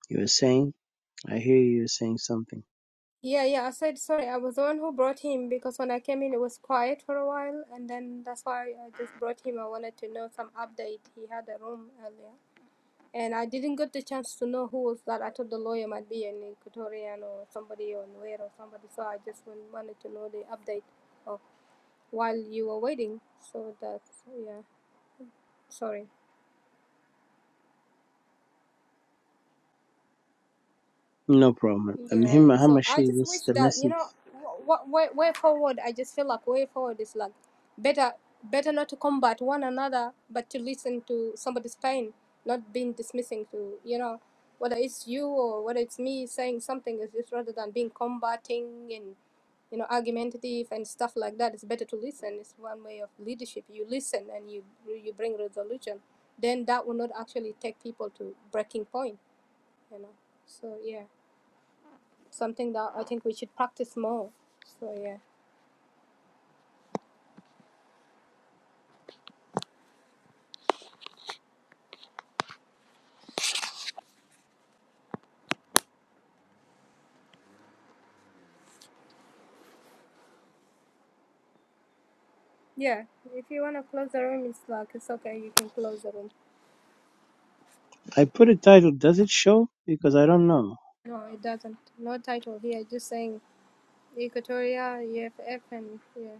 you were saying I hear you saying something. Yeah, yeah, I said sorry. I was the one who brought him because when I came in, it was quiet for a while, and then that's why I just brought him. I wanted to know some update. He had a room earlier, and I didn't get the chance to know who was that. I thought the lawyer might be an Equatorian or somebody or Nuer or somebody, so I just wan- wanted to know the update of while you were waiting. So that's, yeah, sorry. No problem. And Yeah, him, so I Hamashi, just this wish the that you message. know, what way, way forward. I just feel like way forward is like better, better not to combat one another, but to listen to somebody's pain, not being dismissing to you know, whether it's you or whether it's me saying something is just rather than being combating and you know argumentative and stuff like that. It's better to listen. It's one way of leadership. You listen and you you bring resolution. Then that will not actually take people to breaking point. You know, so yeah something that I think we should practice more. So yeah. Yeah. If you wanna close the room it's like it's okay, you can close the room. I put a title. Does it show? Because I don't know. No, it doesn't. No title here, just saying Equatoria, EFF and yeah.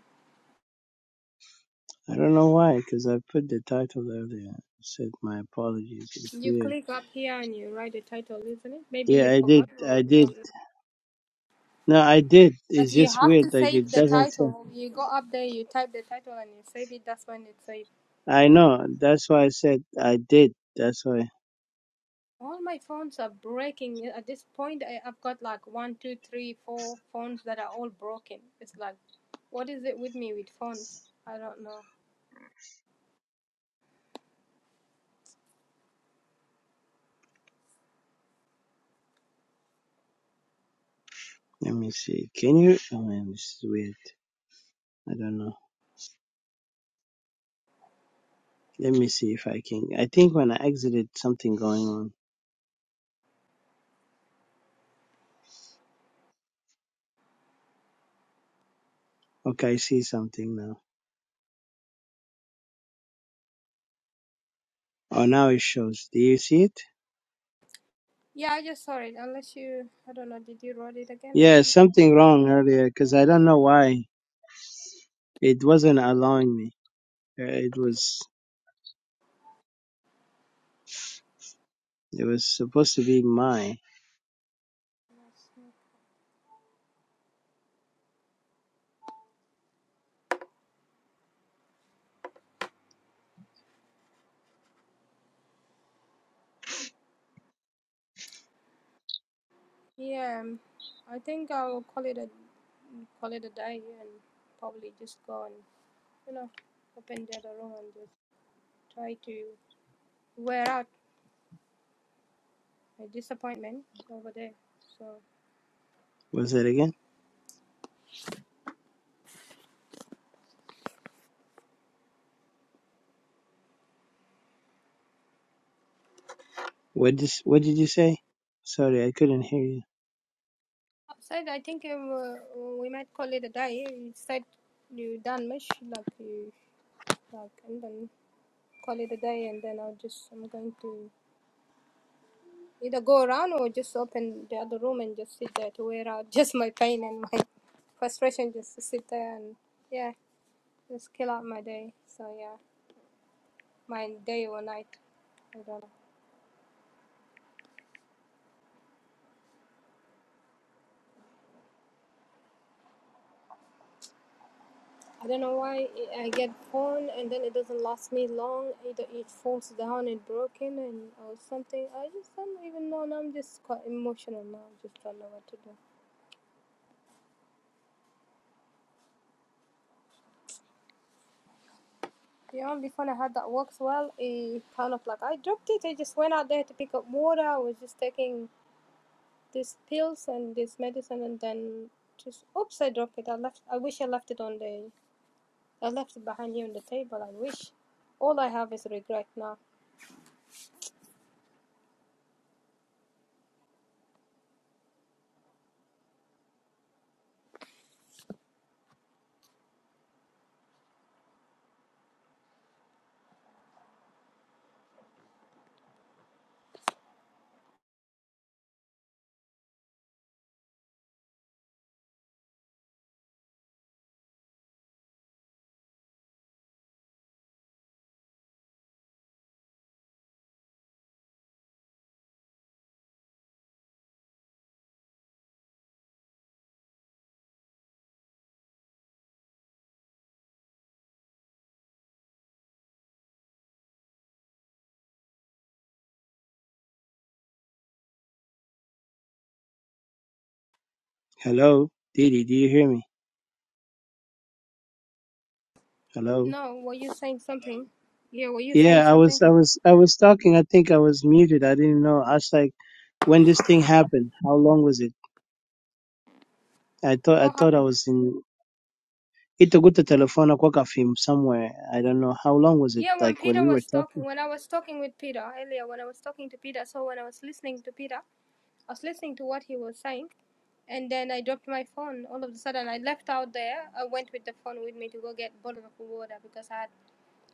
I don't know why. Because I put the title earlier. I said my apologies. It's You weird. click up here and you write the title, isn't it? Maybe Yeah, you I did. forgot I or did. don't know. No, I did. But It's you just have to weird. Like it save the doesn't show. title. You go up there, you type the title and you save it, that's when it's saved. I know. That's why I said I did. That's why. All my phones are breaking. At this point I, I've got like one, two, three, four phones that are all broken. It's like What is it with me with phones? I don't know. Let me see. Can you? Oh man, this is weird. I don't know. Let me see if I can. I think when I exited, something going on. Okay, I see something now. Oh, now it shows. Do you see it? Yeah, I just saw it. Unless you, I don't know, did you write it again or Yeah, something? something wrong earlier because I don't know why it wasn't allowing me. Uh, It was it was supposed to be my. Yeah, um, I think I'll call it a call it a day and probably just go and you know open the other room and just try to wear out my disappointment over there. So Was it again? What did what did you say? Sorry, I couldn't hear you. outside, I think um, uh, we might call it a day. You said you done much like you like and then call it a day and then I'll just I'm going to Either go around or just open the other room and just sit there to wear out (laughs) just my pain and my frustration. Just to sit there and yeah, just kill out my day. So yeah, my day or night. I don't know. I don't know why I I get phone and then it doesn't last me long. Either it falls down and broken and or something. I just don't even know. Now I'm just quite emotional now. I just don't know what to do. The only phone I had that works well, it kind of like I dropped it. I just went out there to pick up water. I was just taking these pills and this medicine and then just oops I dropped it. I left I wish I left it on the I left it behind here on the table. I wish. All I have is regret now. Hello, Didi, do you hear me? Hello. No, were you saying something? Yeah, were you saying Yeah, I was something? I was I was talking. I think I was muted. I didn't know. I was like, when this thing happened, how long was it? I thought I What thought I happened? was in. Itaguta telephone kwaka film somewhere. I don't know how long was it. Yeah, when Like when Peter we were was talking. talking when I was talking with Peter earlier, when I was talking to Peter, so when I was listening to Peter, I was listening to what he was saying, and then I dropped my phone. All of a sudden, I left out there. I went with the phone with me to go get a bottle of water because I had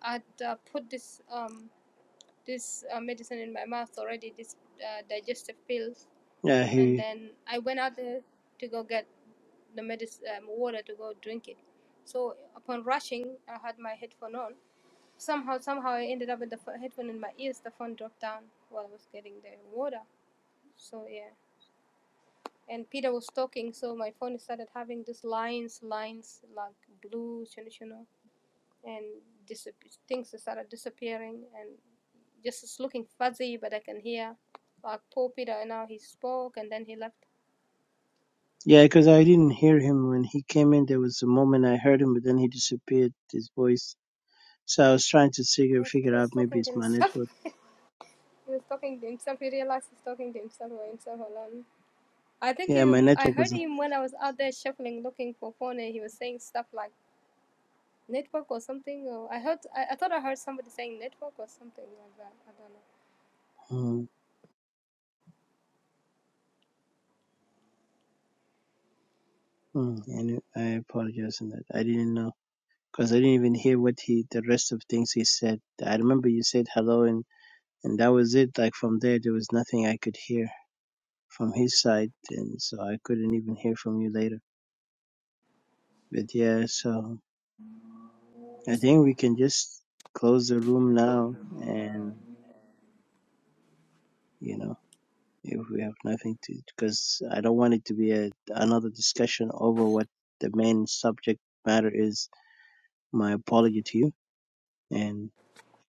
I had uh, put this um this uh, medicine in my mouth already, this uh, digestive pills, Yeah, he. and then I went out there to go get the medicine um, water to go drink it. So upon rushing, I had my headphone on. Somehow, somehow, I ended up with the ph- headphone in my ears. The phone dropped down while I was getting the water. So yeah and Peter was talking, so my phone started having these lines, lines like blue, you know, and things started disappearing and just it's looking fuzzy, but I can hear like poor Peter. And now he spoke, and then he left. Yeah, because I didn't hear him when he came in. There was a moment I heard him, but then he disappeared, his voice. So I was trying to figure, Yeah, 'cause figure he out was maybe talking to it's my himself. network. (laughs) he was talking to himself. He realized he's talking to himself or himself alone. I think Yeah, my he, I network heard was. him when I was out there shuffling, looking for phone, and he was saying stuff like network or something. Or I heard, I, I thought I heard somebody saying network or something like that. I don't know. Mm, mm, yeah, I, knew- I apologize on that. I didn't know because I didn't even hear what he, the rest of things he said. I remember you said hello, and and that was it. Like from there, there was nothing I could hear from his side, and so I couldn't even hear from you later. But yeah, so I think we can just close the room now and you know, if we have nothing to, because I don't want it to be a, another discussion over what the main subject matter is. My apology to you, and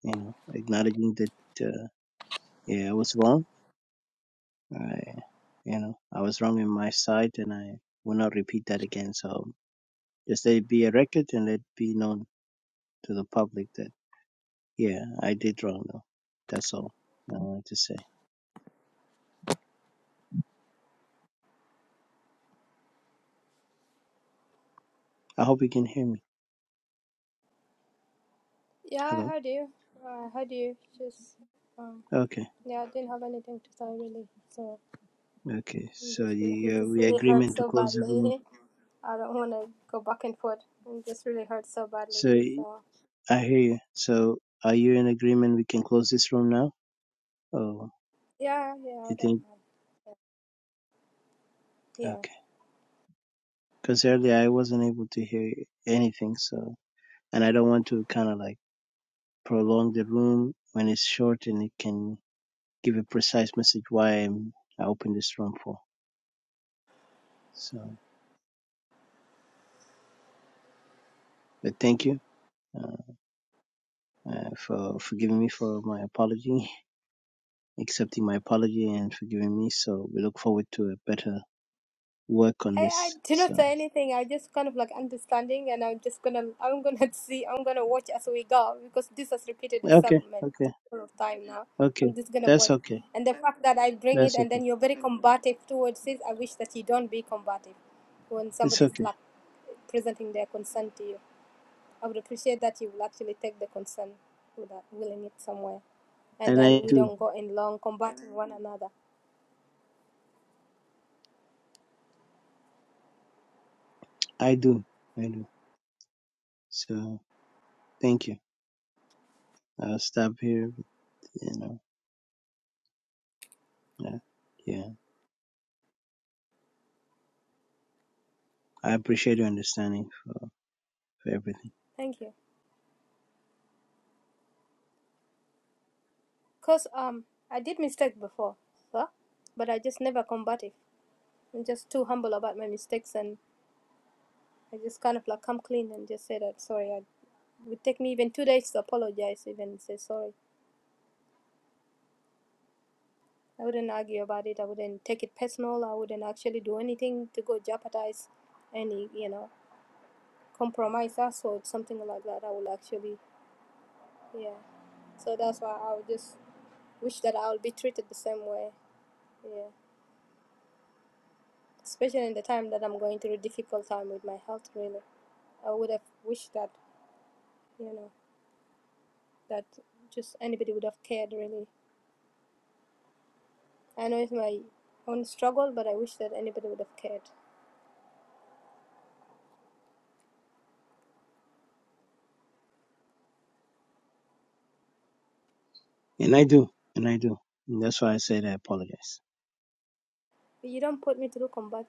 you know, acknowledging that uh, yeah, I was wrong. I, you know, I was wrong in my side, and I will not repeat that again. So just let it be a record, and let it be known to the public that yeah, I did wrong. Though that's all I wanted to say. I hope you can hear me. Yeah, I Hello. heard you. I heard you. Just um, Okay. yeah, I didn't have anything to say really. So Okay, I'm so just re- you, I'm uh, just we really hurt agreement to so close the room. badly. (laughs) I don't want to go back and forth. I'm just really hurt so badly. So y- So I hear you. So are you in agreement we can close this room now? Oh, yeah, yeah, I you don't think? mind. Yeah. Okay, because earlier I wasn't able to hear anything. So and I don't want to kind of like prolong the room when it's short and it can give a precise message why I'm, I opened this room for. So, but thank you uh, uh, for forgiving me for my apology, (laughs) accepting my apology, and forgiving me. So we look forward to a better work on I, I this. do So not say anything. I just kind of like understanding, and I'm just gonna, I'm gonna (laughs) see, I'm gonna watch as we go because this has repeated itself okay, man, okay, full of time now. I'm okay. just gonna That's watch, okay. and the fact that I bring it, That's and okay. then you're very combative towards it. I wish that you don't be combative when It's somebody's okay. like presenting their concern to you. I would appreciate that you will actually take the concern without willing it somewhere, and And then I we do. don't go in long combating one another. I do. I do. So thank you. I'll stop here. But, you know. Yeah. Yeah. I appreciate your understanding for, for everything. Thank you. Cause um I did mistake before, huh? but I just never combative. I'm just too humble about my mistakes, and I just kind of like come clean and just say that sorry. I, it would take me even two days to apologize, even say sorry. I wouldn't argue about it. I wouldn't take it personal. I wouldn't actually do anything to go jeopardize any, you know, compromise us or something like that. I would actually, yeah. So that's why I would just wish that I would be treated the same way. yeah. especially in the time that I'm going through a difficult time with my health really. I would have wished that, you know, that just anybody would have cared really. I know it's my own struggle but I wish that anybody would have cared. And I do. And I do. And that's why I said I apologize. But you don't put me through combat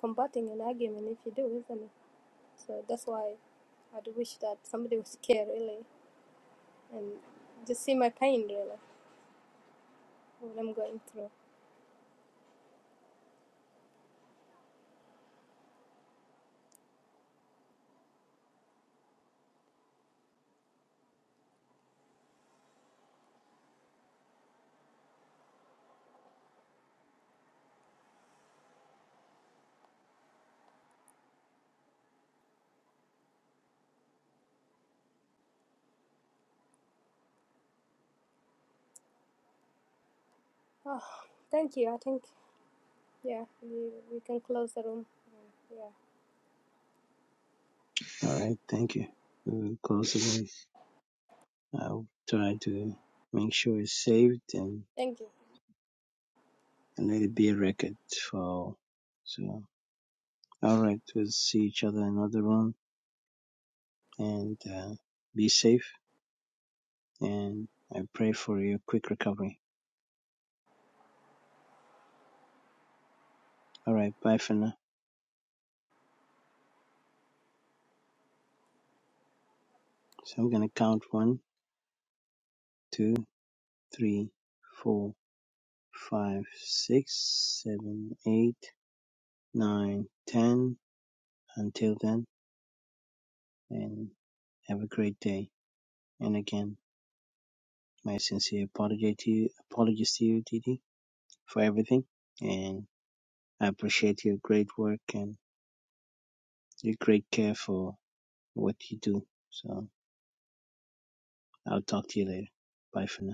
combating an argument if you do, isn't it? So that's why I'd wish that somebody would care really and just see my pain really what I'm going through. Oh, thank you. I think yeah, we, we can close the room. Yeah. All right. Thank you. We will close the room. I'll try to make sure it's saved and, Thank you. and let it be a record for all. So all right. We'll see each other in another room. and uh, be safe. And I pray for your quick recovery. All right, bye for now. So I'm gonna count one, two, three, four, five, six, seven, eight, nine, ten. Until then, and have a great day. And again, my sincere apology to you, apologies to you, Didi, for everything. And I appreciate your great work and your great care for what you do. So I'll talk to you later. Bye for now.